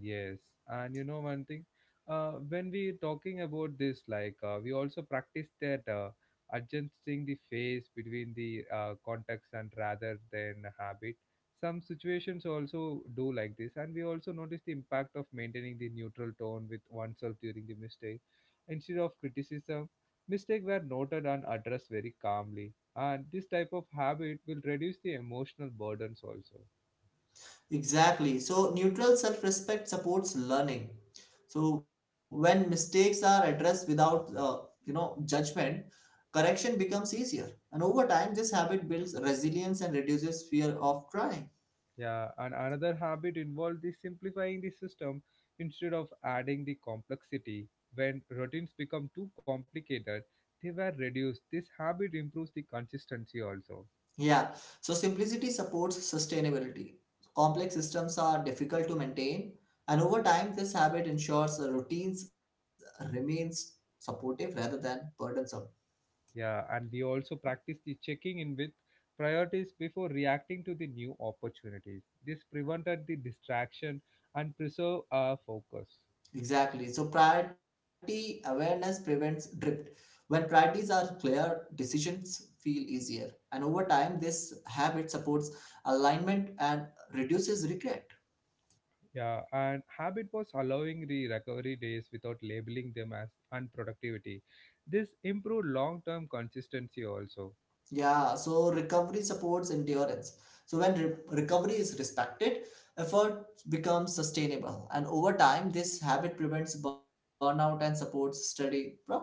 [SPEAKER 1] Yes, and you know one thing, when we talking about this, like we also practice that adjusting the phase between the context and rather than habit. Some situations also do like this, and we also notice the impact of maintaining the neutral tone with oneself during the mistake. Instead of criticism, mistakes were noted and addressed very calmly, and this type of habit will reduce the emotional burdens also.
[SPEAKER 2] Exactly. So, neutral self respect supports learning. So, when mistakes are addressed without, you know, judgment, correction becomes easier. And over time, this habit builds resilience and reduces fear of trying.
[SPEAKER 1] Yeah, and another habit involved is simplifying the system instead of adding the complexity. When routines become too complicated, they were reduced. This habit improves the consistency also.
[SPEAKER 2] Yeah. So, simplicity supports sustainability. Complex systems are difficult to maintain. And over time, this habit ensures the routines remains supportive rather than burdensome.
[SPEAKER 1] Yeah, and we also practice the checking in with priorities before reacting to the new opportunities. This prevented the distraction and preserve our focus.
[SPEAKER 2] Exactly. So priority awareness prevents drift. When priorities are clear, decisions feel easier. And over time, this habit supports alignment and reduces regret.
[SPEAKER 1] Yeah, and habit was allowing the recovery days without labeling them as unproductivity. This improved long term consistency also.
[SPEAKER 2] Yeah, so recovery supports endurance. So recovery is respected, effort becomes sustainable. And over time, this habit prevents burnout and supports steady progress.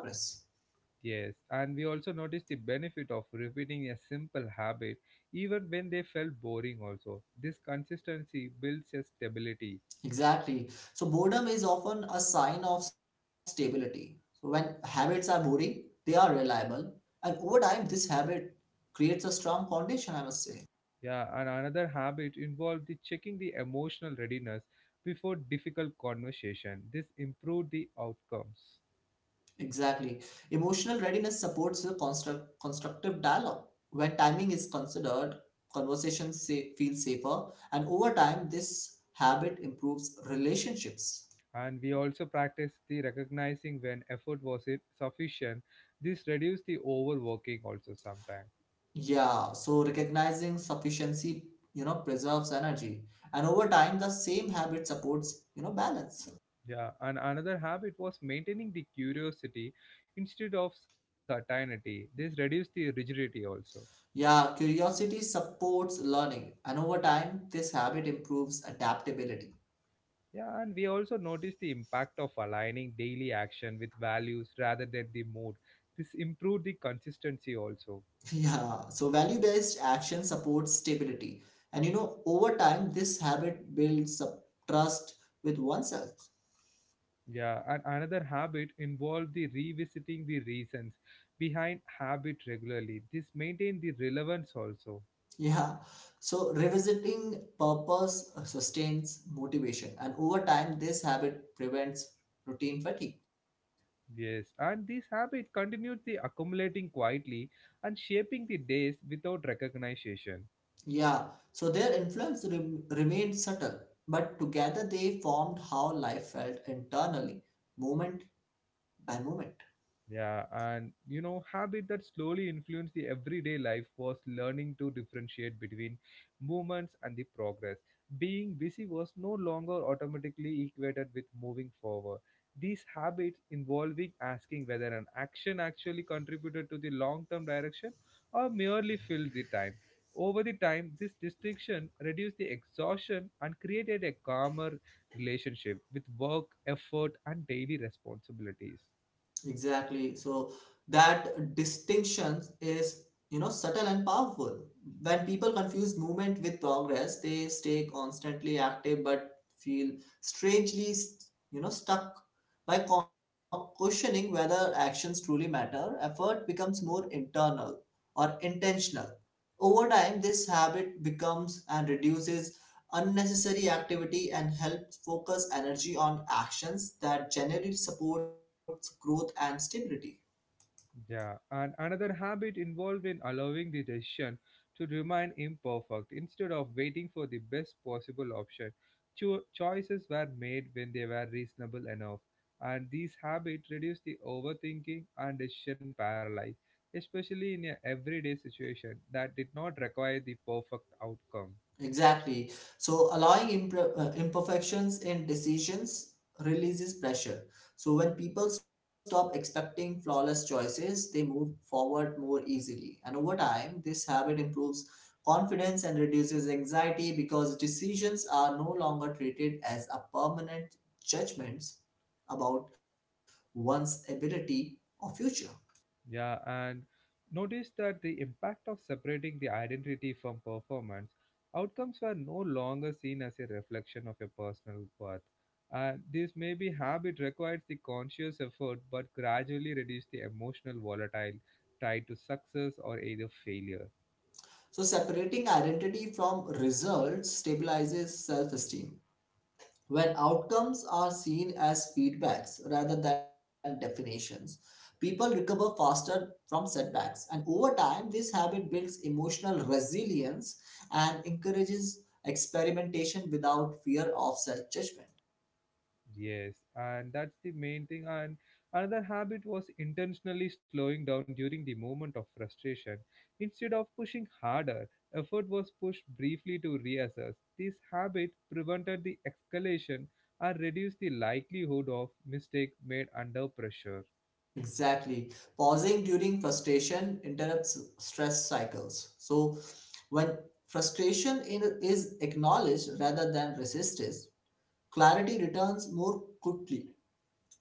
[SPEAKER 1] Yes, and we also noticed the benefit of repeating a simple habit even when they felt boring also. This consistency builds a stability.
[SPEAKER 2] Exactly. So boredom is often a sign of stability. So when habits are boring, they are reliable. And over time, this habit creates a strong foundation, I must say.
[SPEAKER 1] Yeah, and another habit involved the checking the emotional readiness before difficult conversation. This improved the outcomes.
[SPEAKER 2] Exactly. Emotional readiness supports a constructive dialogue. When timing is considered, conversations say, feel safer. And over time, this habit improves relationships.
[SPEAKER 1] And we also practiced the recognizing when effort was sufficient. This reduced the overworking also sometimes.
[SPEAKER 2] Yeah, so recognizing sufficiency, you know, preserves energy. And over time, the same habit supports, you know, balance.
[SPEAKER 1] Yeah, and another habit was maintaining the curiosity instead of certainty. This reduced the rigidity also.
[SPEAKER 2] Yeah, curiosity supports learning. And over time, this habit improves adaptability.
[SPEAKER 1] Yeah, and we also noticed the impact of aligning daily action with values rather than the mood. This improved the consistency also.
[SPEAKER 2] Yeah, so value-based action supports stability. And, you know, over time, this habit builds up trust with oneself.
[SPEAKER 1] Yeah, and another habit involved the revisiting the reasons behind habit regularly. This maintained the relevance also.
[SPEAKER 2] Yeah, so revisiting purpose sustains motivation. And over time, this habit prevents routine fatigue.
[SPEAKER 1] Yes, and this habit continued the accumulating quietly and shaping the days without recognition.
[SPEAKER 2] Yeah, so their influence remained subtle, but together they formed how life felt internally, moment by moment.
[SPEAKER 1] Yeah, and you know, habit that slowly influenced the everyday life was learning to differentiate between movements and the progress. Being busy was no longer automatically equated with moving forward. These habits involving asking whether an action actually contributed to the long term direction or merely filled the time. Over the time, this distinction reduced the exhaustion and created a calmer relationship with work, effort, and daily responsibilities.
[SPEAKER 2] Exactly. So that distinction is, you know, subtle and powerful. When people confuse movement with progress, they stay constantly active but feel strangely, you know, stuck. Questioning whether actions truly matter, effort becomes more internal or intentional. Over time, this habit becomes and reduces unnecessary activity and help focus energy on actions that generally supports growth and stability.
[SPEAKER 1] Yeah, and another habit involved in allowing the decision to remain imperfect instead of waiting for the best possible option. Choices were made when they were reasonable enough, and these habits reduce the overthinking and decision paralysis, especially in a everyday situation that did not require the perfect outcome.
[SPEAKER 2] Exactly. So allowing imperfections in decisions releases pressure. So when people stop expecting flawless choices, they move forward more easily. And over time, this habit improves confidence and reduces anxiety because decisions are no longer treated as a permanent judgments about one's ability or future.
[SPEAKER 1] Yeah, and notice that the impact of separating the identity from performance, outcomes were no longer seen as a reflection of a personal worth. And this maybe habit requires the conscious effort but gradually reduce the emotional volatile tied to success or either failure.
[SPEAKER 2] So separating identity from results stabilizes self-esteem. When outcomes are seen as feedbacks rather than definitions, people recover faster from setbacks. And over time, this habit builds emotional resilience and encourages experimentation without fear of self judgment.
[SPEAKER 1] Yes, and that's the main thing. And another habit was intentionally slowing down during the moment of frustration. Instead of pushing harder, effort was pushed briefly to reassess. This habit prevented the escalation and reduced the likelihood of mistake made under pressure.
[SPEAKER 2] Exactly. Pausing during frustration interrupts stress cycles. So, when frustration is acknowledged rather than resisted, clarity returns more quickly.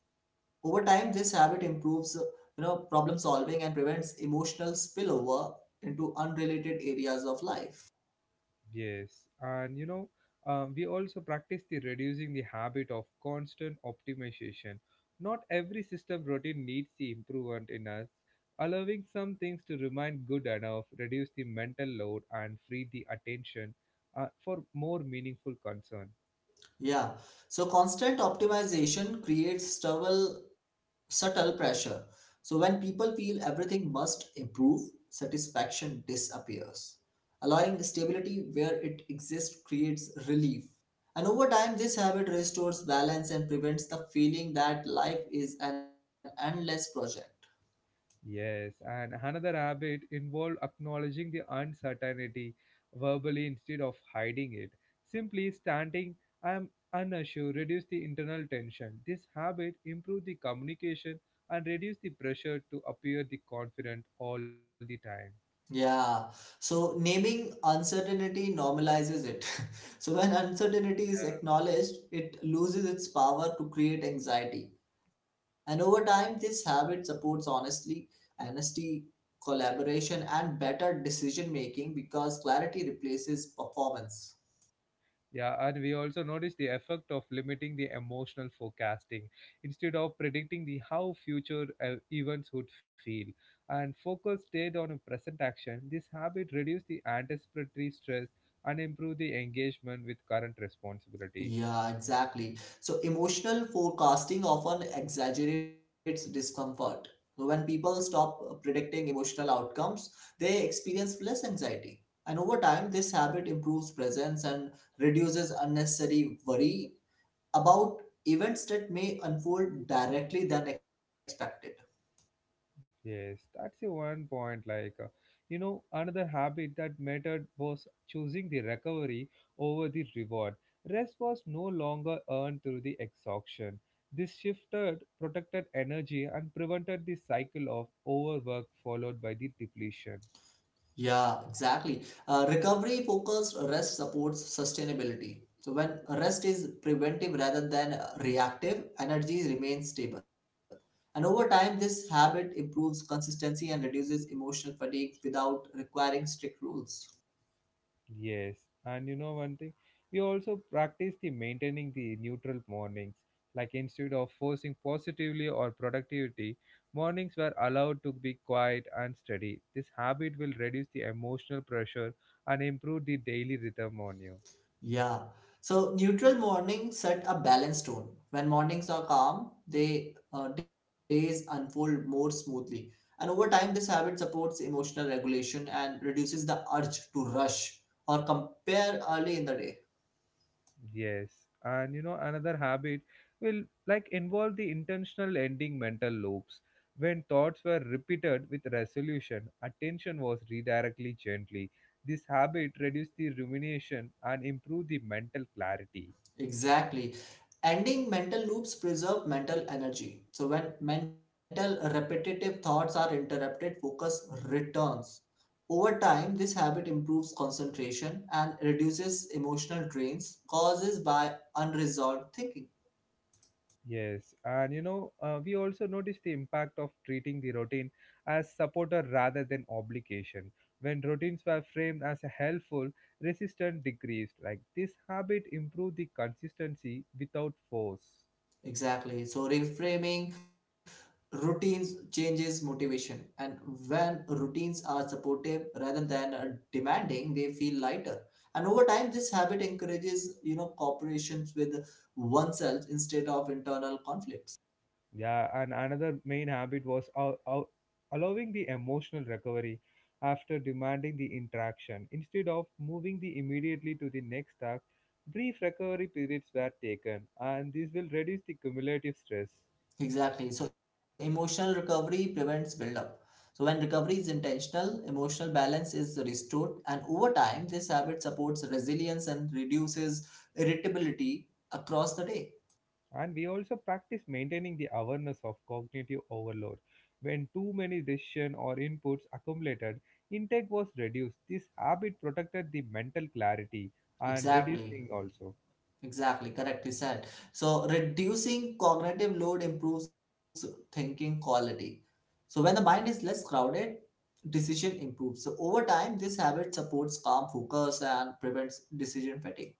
[SPEAKER 2] Over time, this habit improves, you know, problem solving and prevents emotional spillover into unrelated areas of life.
[SPEAKER 1] Yes, and you know, we also practice the reducing the habit of constant optimization. Not every system routine needs the improvement in us. Allowing some things to remain good enough reduce the mental load and free the attention for more meaningful concern.
[SPEAKER 2] Yeah. So constant optimization creates subtle pressure. So when people feel everything must improve, satisfaction disappears. Allowing stability where it exists creates relief. And over time, this habit restores balance and prevents the feeling that life is an endless project.
[SPEAKER 1] Yes, and another habit involved acknowledging the uncertainty verbally instead of hiding it. Simply standing, I am unsure, reduce the internal tension. This habit improves the communication and reduce the pressure to appear the confident all the time.
[SPEAKER 2] Yeah, so naming uncertainty normalizes it. So when uncertainty is acknowledged, it loses its power to create anxiety. And over time, this habit supports honesty, collaboration, and better decision making because clarity replaces performance.
[SPEAKER 1] Yeah, and we also notice the effect of limiting the emotional forecasting instead of predicting the how future events would feel and focus stayed on a present action. This habit reduced the anticipatory stress and improved the engagement with current responsibility.
[SPEAKER 2] Yeah, exactly. So emotional forecasting often exaggerates discomfort. When people stop predicting emotional outcomes, they experience less anxiety. And over time, this habit improves presence and reduces unnecessary worry about events that may unfold directly than expected.
[SPEAKER 1] Yes, that's the one point. Like, you know, another habit that mattered was choosing the recovery over the reward. Rest was no longer earned through the exhaustion. This shifted, protected energy, and prevented the cycle of overwork followed by the depletion.
[SPEAKER 2] Yeah, exactly. Recovery focused rest supports sustainability. So when rest is preventive rather than reactive, energy remains stable. And over time, this habit improves consistency and reduces emotional fatigue without requiring strict rules.
[SPEAKER 1] Yes, and you know one thing, we also practice the maintaining the neutral mornings. Like instead of forcing positively or productivity, mornings were allowed to be quiet and steady. This habit will reduce the emotional pressure and improve the daily rhythm on you.
[SPEAKER 2] Yeah. So neutral mornings set a balanced tone. When mornings are calm, they days unfold more smoothly. And over time, this habit supports emotional regulation and reduces the urge to rush or compare early in the day.
[SPEAKER 1] Yes, and you know another habit will like involve the intentional ending mental loops. When thoughts were repeated with resolution, attention was redirected gently. This habit reduced the rumination and improved the mental clarity.
[SPEAKER 2] Exactly. Ending mental loops preserve mental energy. So when mental repetitive thoughts are interrupted, focus returns. Over time, this habit improves concentration and reduces emotional drains caused by unresolved thinking.
[SPEAKER 1] Yes, and you know, we also notice the impact of treating the routine as supporter rather than obligation. When routines were framed as a helpful, resistance decreased. Like this habit improved the consistency without force.
[SPEAKER 2] Exactly. So, reframing routines changes motivation. And when routines are supportive rather than demanding, they feel lighter. And over time, this habit encourages, you know, cooperations with oneself instead of internal conflicts.
[SPEAKER 1] Yeah, and another main habit was allowing the emotional recovery after demanding the interaction. Instead of moving the immediately to the next task, brief recovery periods were taken, and this will reduce the cumulative stress.
[SPEAKER 2] Exactly. So emotional recovery prevents buildup. So when recovery is intentional, emotional balance is restored, and over time, this habit supports resilience and reduces irritability across the day.
[SPEAKER 1] And we also practice maintaining the awareness of cognitive overload. When too many decisions or inputs accumulated, intake was reduced. This habit protected the mental clarity and
[SPEAKER 2] Exactly.
[SPEAKER 1] reducing also.
[SPEAKER 2] Exactly. Correctly said. So reducing cognitive load improves thinking quality. So when the mind is less crowded, decision improves. So over time, this habit supports calm focus and prevents decision fatigue.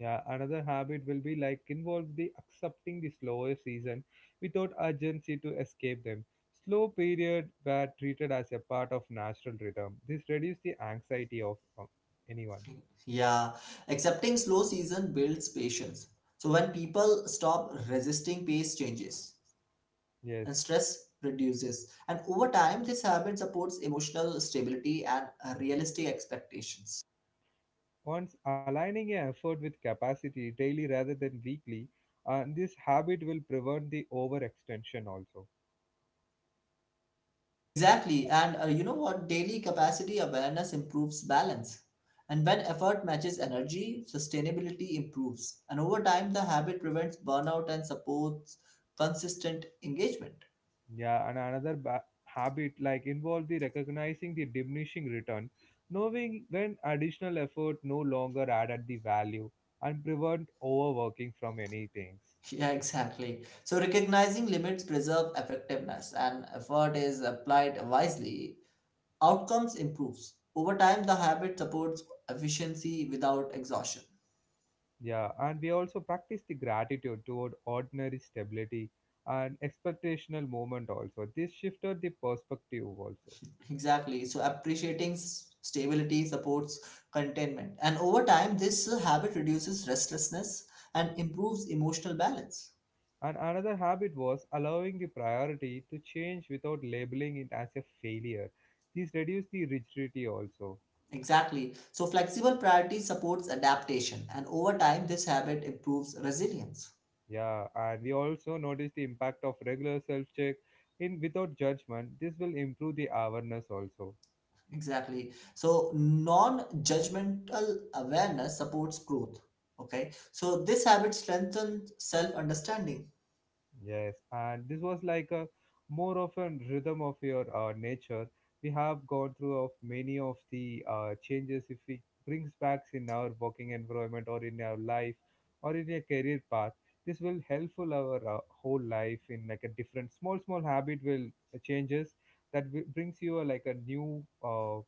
[SPEAKER 1] Yeah, another habit will be like involve the accepting the slower season without urgency to escape them. Slow period were treated as a part of natural rhythm. This reduced the anxiety of anyone.
[SPEAKER 2] Yeah, accepting slow season builds patience. So when people stop resisting pace changes and stress
[SPEAKER 1] Yes.
[SPEAKER 2] reduces, and over time, this habit supports emotional stability and realistic expectations.
[SPEAKER 1] Once aligning your effort with capacity daily rather than weekly, this habit will prevent the overextension also.
[SPEAKER 2] Exactly, and you know what? Daily capacity awareness improves balance. And when effort matches energy, sustainability improves. And over time, the habit prevents burnout and supports consistent engagement.
[SPEAKER 1] Yeah, and another habit like involve the recognizing the diminishing return, knowing when additional effort no longer added the value and prevent overworking from any things.
[SPEAKER 2] Yeah, exactly. So recognizing limits preserve effectiveness and effort is applied wisely, outcomes improves. Over time, the habit supports efficiency without exhaustion.
[SPEAKER 1] Yeah, and we also practice the gratitude toward ordinary stability and expectational moment also. This shifted the perspective also.
[SPEAKER 2] Exactly. So appreciating stability supports contentment. And over time, this habit reduces restlessness and improves emotional balance.
[SPEAKER 1] And another habit was allowing the priority to change without labeling it as a failure. This reduced the rigidity also.
[SPEAKER 2] Exactly. So flexible priority supports adaptation and over time this habit improves resilience.
[SPEAKER 1] Yeah, and we also noticed the impact of regular self check in without judgment. This will improve the awareness also.
[SPEAKER 2] Exactly. So non-judgmental awareness supports growth. Okay. So this habit strengthens self-understanding.
[SPEAKER 1] Yes, and this was like a more of a rhythm of your nature. We have gone through of many of the changes if we brings back in our working environment or in our life or in a career path. This will helpful our whole life in like a different small habit will changes that brings you a, like a new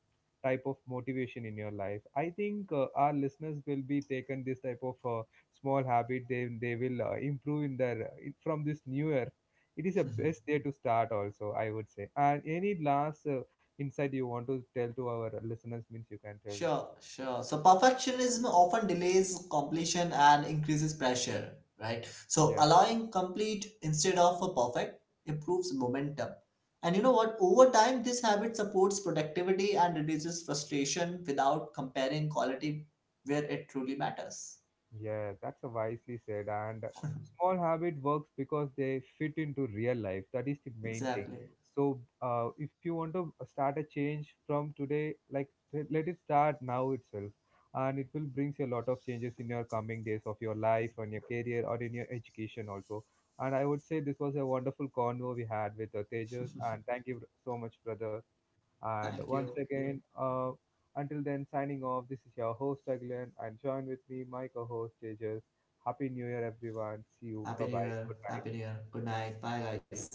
[SPEAKER 1] type of motivation in your life. I think our listeners will be taken this type of small habit they will improve in their from this new year. It is a best day to start also, I would say. And any last insight you want to tell to our listeners means you can tell.
[SPEAKER 2] Sure. So perfectionism often delays completion and increases pressure, right? So
[SPEAKER 1] Yeah.
[SPEAKER 2] allowing complete instead of a perfect improves momentum. And you know what? Over time, this habit supports productivity and reduces frustration without comparing quality where it truly matters.
[SPEAKER 1] Yeah, that's a wisely said. And small habit works because they fit into real life. That is the main thing.
[SPEAKER 2] Exactly.
[SPEAKER 1] So, if you want to start a change from today, like let it start now itself, and it will brings you a lot of changes in your coming days of your life, on your career, or in your education also. And I would say this was a wonderful convo we had with Tejas, and thank you so much, brother. And
[SPEAKER 2] Thank
[SPEAKER 1] once
[SPEAKER 2] you.
[SPEAKER 1] again, until then, signing off, this is your host Aglan and join with me, my co host Jesus. Happy New Year, everyone. See you.
[SPEAKER 2] Happy
[SPEAKER 1] Bye
[SPEAKER 2] New
[SPEAKER 1] bye.
[SPEAKER 2] Year.
[SPEAKER 1] Good
[SPEAKER 2] Happy New
[SPEAKER 1] night.
[SPEAKER 2] Year. Good night. Bye, guys.